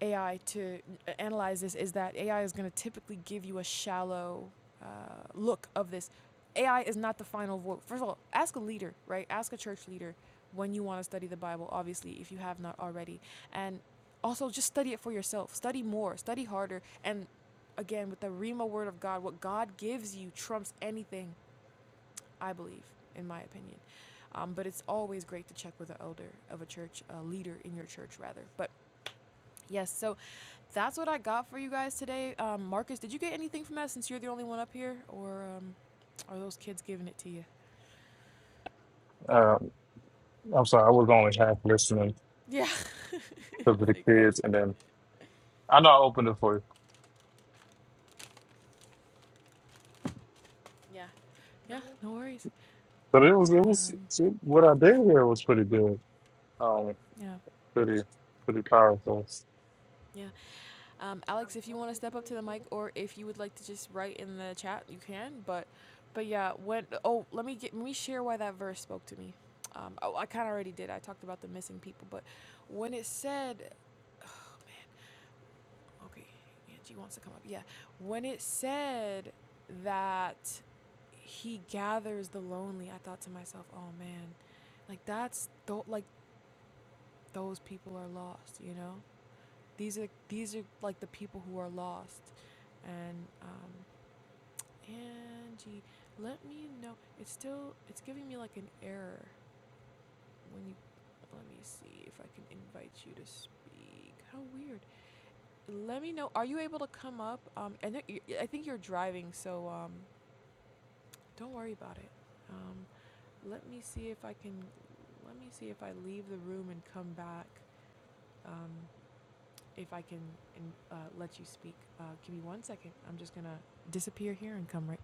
AI to uh, analyze this is that AI is going to typically give you a shallow uh, look of this. AI is not the final vote. First of all, ask a leader, right? Ask a church leader when you want to study the Bible, obviously, if you have not already. And also just study it for yourself. Study more, study harder. And again, with the Rima word of God, what God gives you trumps anything, I believe, in my opinion. Um, but it's always great to check with an elder of a church, a leader in your church, rather. But yes, so that's what I got for you guys today. Um, Marcus, did you get anything from that since you're the only one up here? Or um, are those kids giving it to you?
um, I'm sorry, I was only half listening
Yeah.
to the kids, and then I know I opened it for you.
Yeah. Yeah, no worries.
But it was it was
Um,
it- what I did here was pretty good. Um,
yeah.
pretty pretty powerful.
Yeah. Um, Alex, if you want to step up to the mic or if you would like to just write in the chat, you can. But but yeah, when oh, let me get let me share why that verse spoke to me. Um, oh, I kind of already did. I talked about the missing people, but when it said oh, man. Okay, Angie wants to come up. Yeah. When it said that he gathers the lonely, I thought to myself, oh man, like that's th- like those people are lost, you know? These are these are like the people who are lost. And um Angie, let me know. It's still it's giving me like an error when you let me see if I can invite you to speak. How weird. Let me know. Are you able to come up? Um, and I think you're driving, so um, don't worry about it. Um, let me see if I can. Let me see if I leave the room and come back. Um, if I can and, uh, let you speak. Uh, give me one second. I'm just gonna disappear here and come right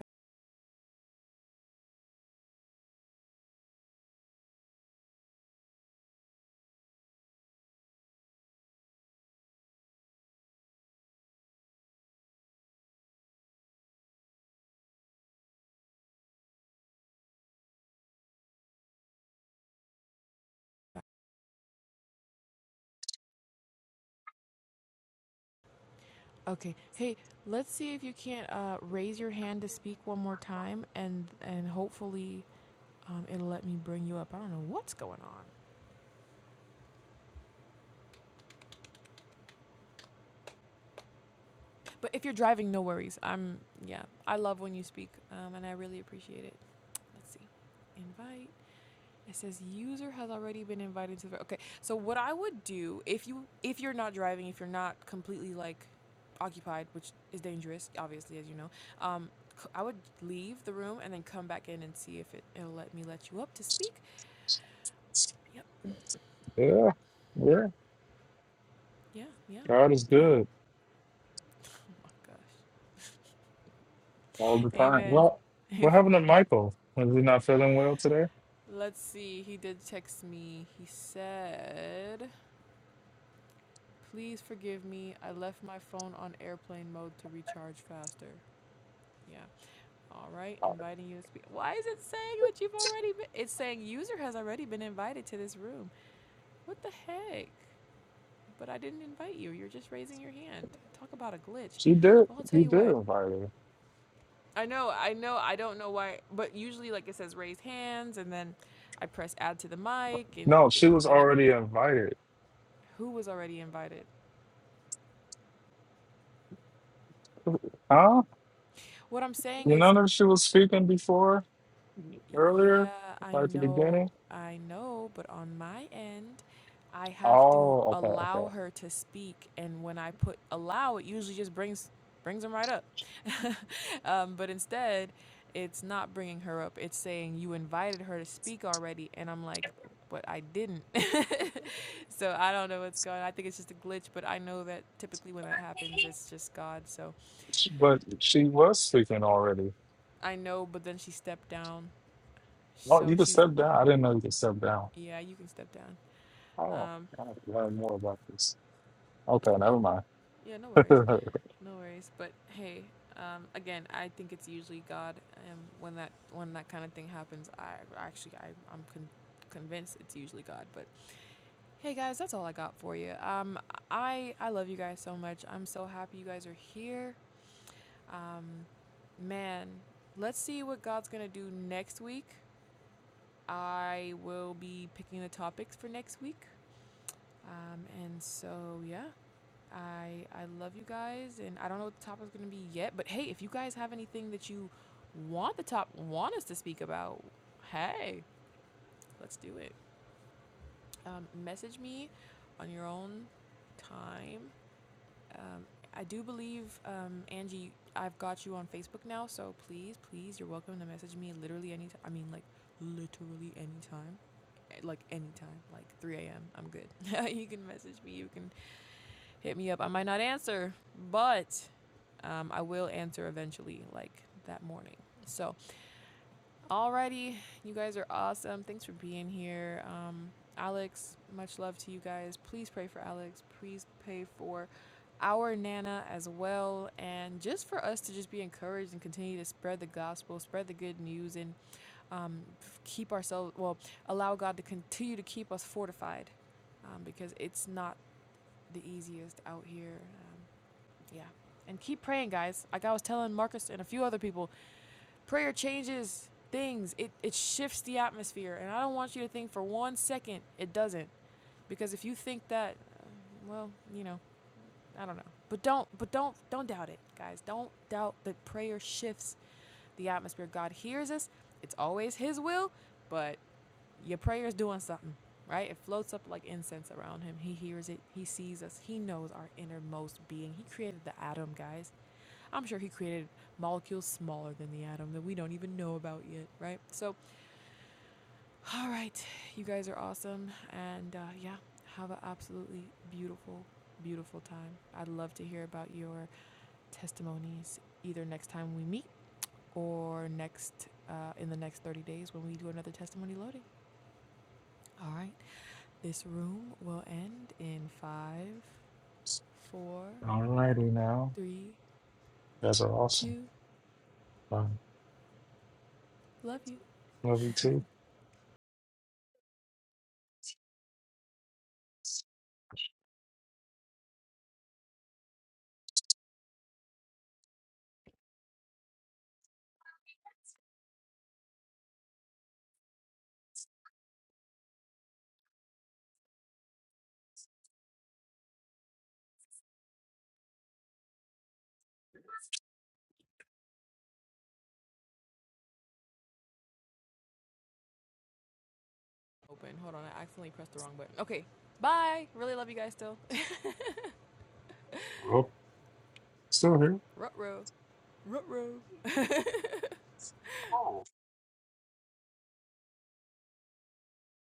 back. Okay. Hey, let's see if you can't uh, raise your hand to speak one more time, and and hopefully um, it'll let me bring you up. I don't know what's going on. But if you're driving, no worries. I'm yeah. I love when you speak, um, and I really appreciate it. Let's see, invite. It says user has already been invited to the. Okay, so what I would do if you if you're not driving, if you're not completely like occupied, which is dangerous, obviously, as you know, um, I would leave the room and then come back in and see if it it'll let me let you up to speak. Yep.
Yeah, yeah.
Yeah. Yeah.
God is
Yeah.
good
Oh my gosh.
all the time.
Amen.
Well, what happened to Michael? Was he not feeling well today?
Let's see. He did text me. He said. Please forgive me. I left my phone on airplane mode to recharge faster. Yeah. All right. Inviting you to speak. Why is it saying that you've already been? It's saying user has already been invited to this room. What the heck? But I didn't invite you. You're just raising your hand. Talk about a glitch.
She did.
Well, I'll tell
He
you
did
what.
invite her.
I know, I know, I don't know why, but usually, like it says, raise hands, and then I press add to the mic, and
No,
it,
she was
then it,
already invited.
who was already invited?
Huh?
What I'm saying
You
is,
know that she was speaking before earlier,
Yeah, I
like the
know,
beginning.
I know, but on my end, I have to
Oh, okay,
allow
okay.
her to speak, and when I put allow, it usually just brings brings them right up. um, but instead, it's not bringing her up. It's saying you invited her to speak already, and I'm like, but I didn't. so I don't know what's going. on. I think it's just a glitch, but I know that typically when that happens, it's just God. So
But she was speaking already.
I know, but then she stepped down,
Oh,
so
you can
she's
step down. I didn't know you could step down.
yeah, you can step down.
Oh,
Um,
I have to learn more about this. Okay,
Yeah, n-
never mind.
yeah, no worries, no worries. But hey, um, again, I think it's usually God, and when that when that kind of thing happens, I actually I I'm con- convinced it's usually God. But hey, guys, that's all I got for you. Um, I I love you guys so much. I'm so happy you guys are here. Um, man, let's see what God's gonna do next week. I will be picking the topics for next week. Um, and so yeah, I I love you guys, and I don't know what the topic's gonna be yet. But hey, if you guys have anything that you want the top want us to speak about, hey, let's do it. Um, message me on your own time. Um, I do believe um, Angie, I've got you on Facebook now, so please, please, you're welcome to message me literally any. T- I mean, like literally anytime Eh, like anytime, like 3 a.m. I'm good. you can message me. You can hit me up. I might not answer, but um, I will answer eventually, like that morning. So, alrighty, you guys are awesome. Thanks for being here. Um, Alex, much love to you guys. Please pray for Alex. Please pray for our Nana as well. And just for us to just be encouraged and continue to spread the gospel, spread the good news, and um, keep ourselves, well, allow God to continue to keep us fortified um, because it's not the easiest out here. Um, yeah. And keep praying, guys. Like I was telling Marcus and a few other people, prayer changes things. It it shifts the atmosphere. And I don't want you to think for one second it doesn't. Because if you think that uh, well, you know, I don't know. But don't but don't don't doubt it, guys. Don't doubt that prayer shifts the atmosphere. God hears us. It's always his will, but your prayer is doing something, right? It floats up like incense around him. He hears it. He sees us. He knows our innermost being. He created the atom, guys. I'm sure he created molecules smaller than the atom that we don't even know about yet, right? So, all right, you guys are awesome. And uh, yeah, have an absolutely beautiful, beautiful time. I'd love to hear about your testimonies either next time we meet or next uh, in the next 30 days when we do another testimony loading. All right, this room will end in five, four,
All righty now.
three,
You guys are awesome.
two.
Um,
Love you.
love you too.
Open. Hold on, I accidentally pressed the wrong button. Okay, bye. Really love you guys still.
Oh, still here.
Rutro. Rutro.
Oh.